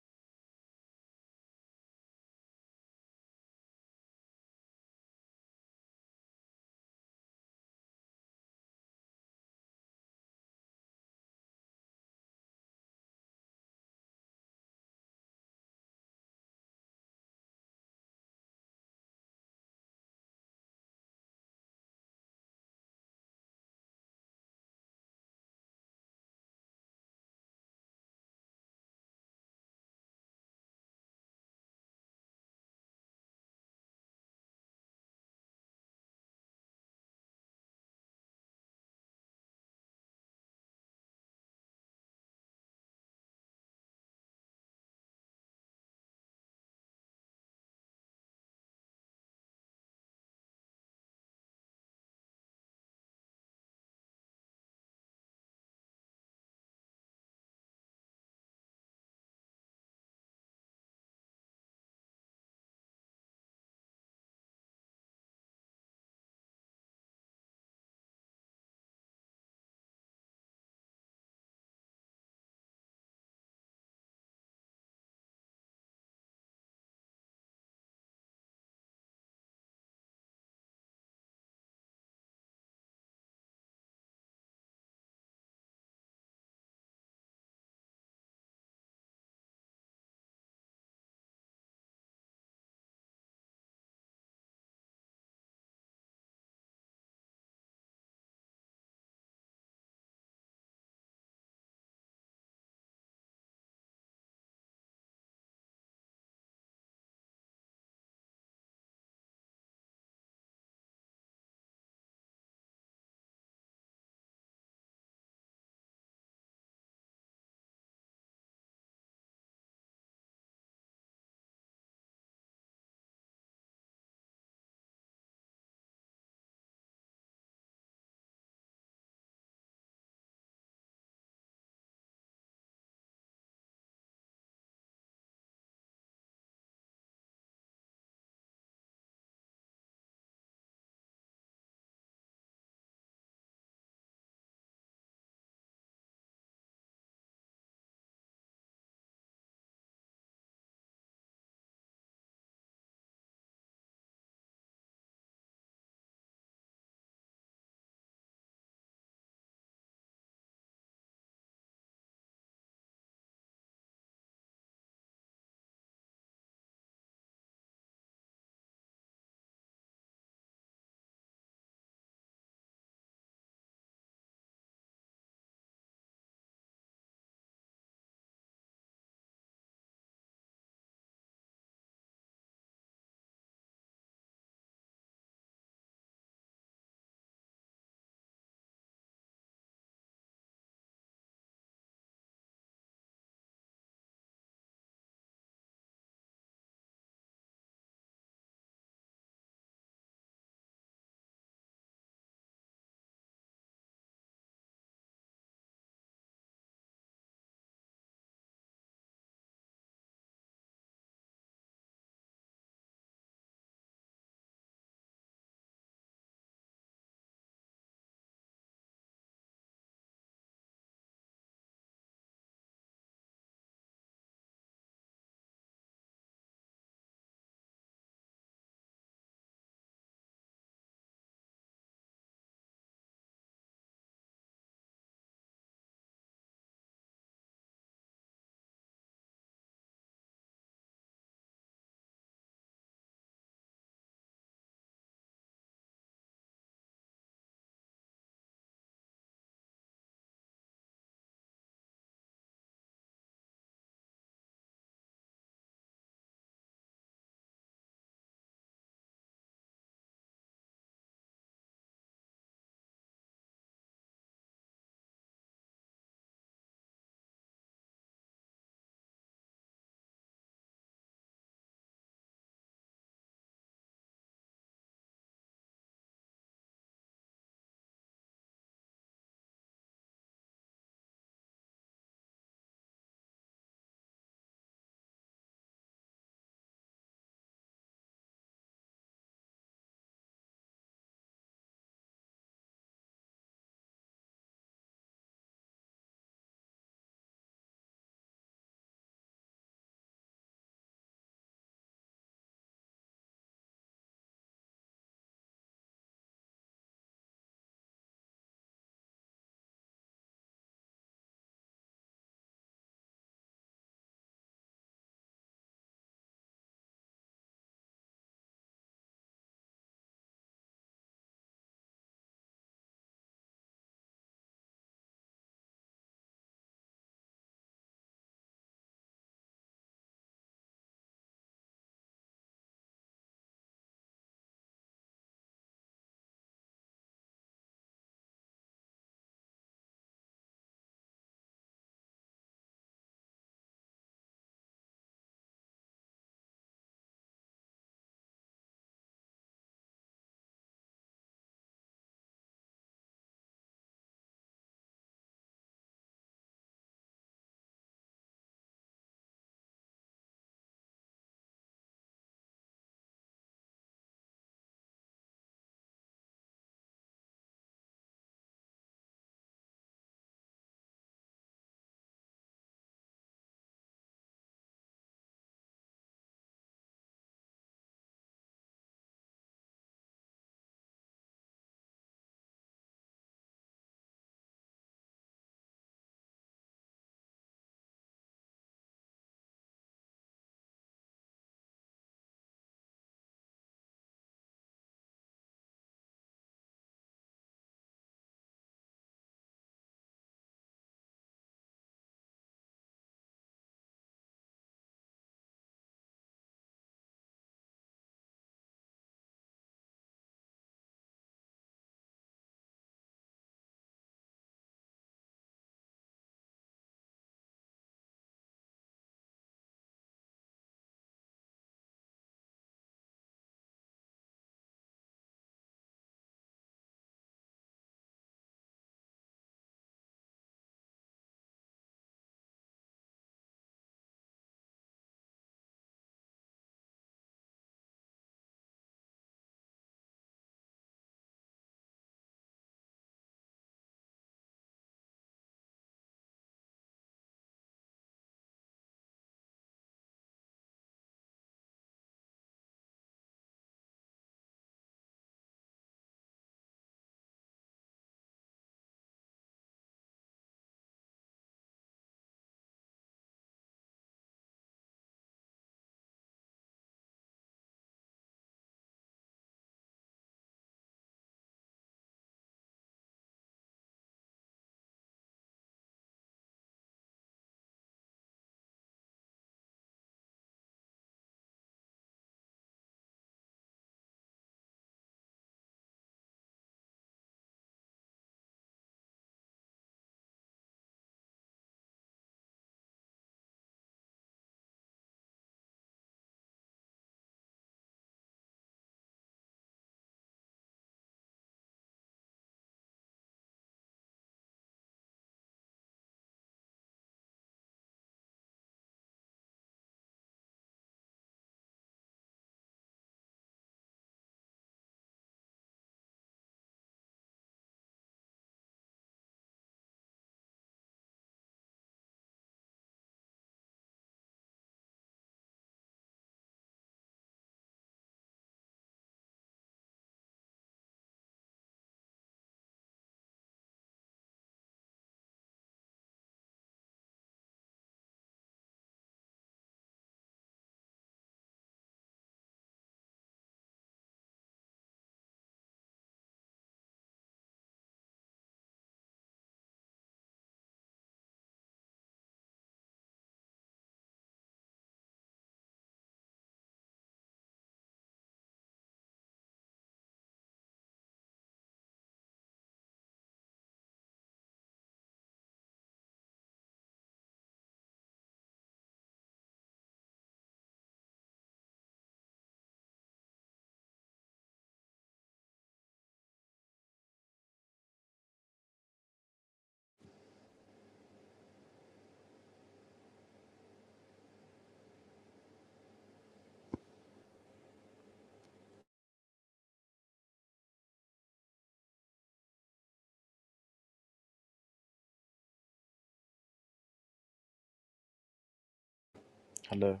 U: Hello,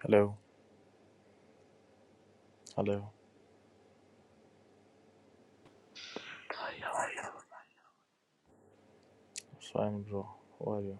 U: hello, hello. It's fine, bro. How are you?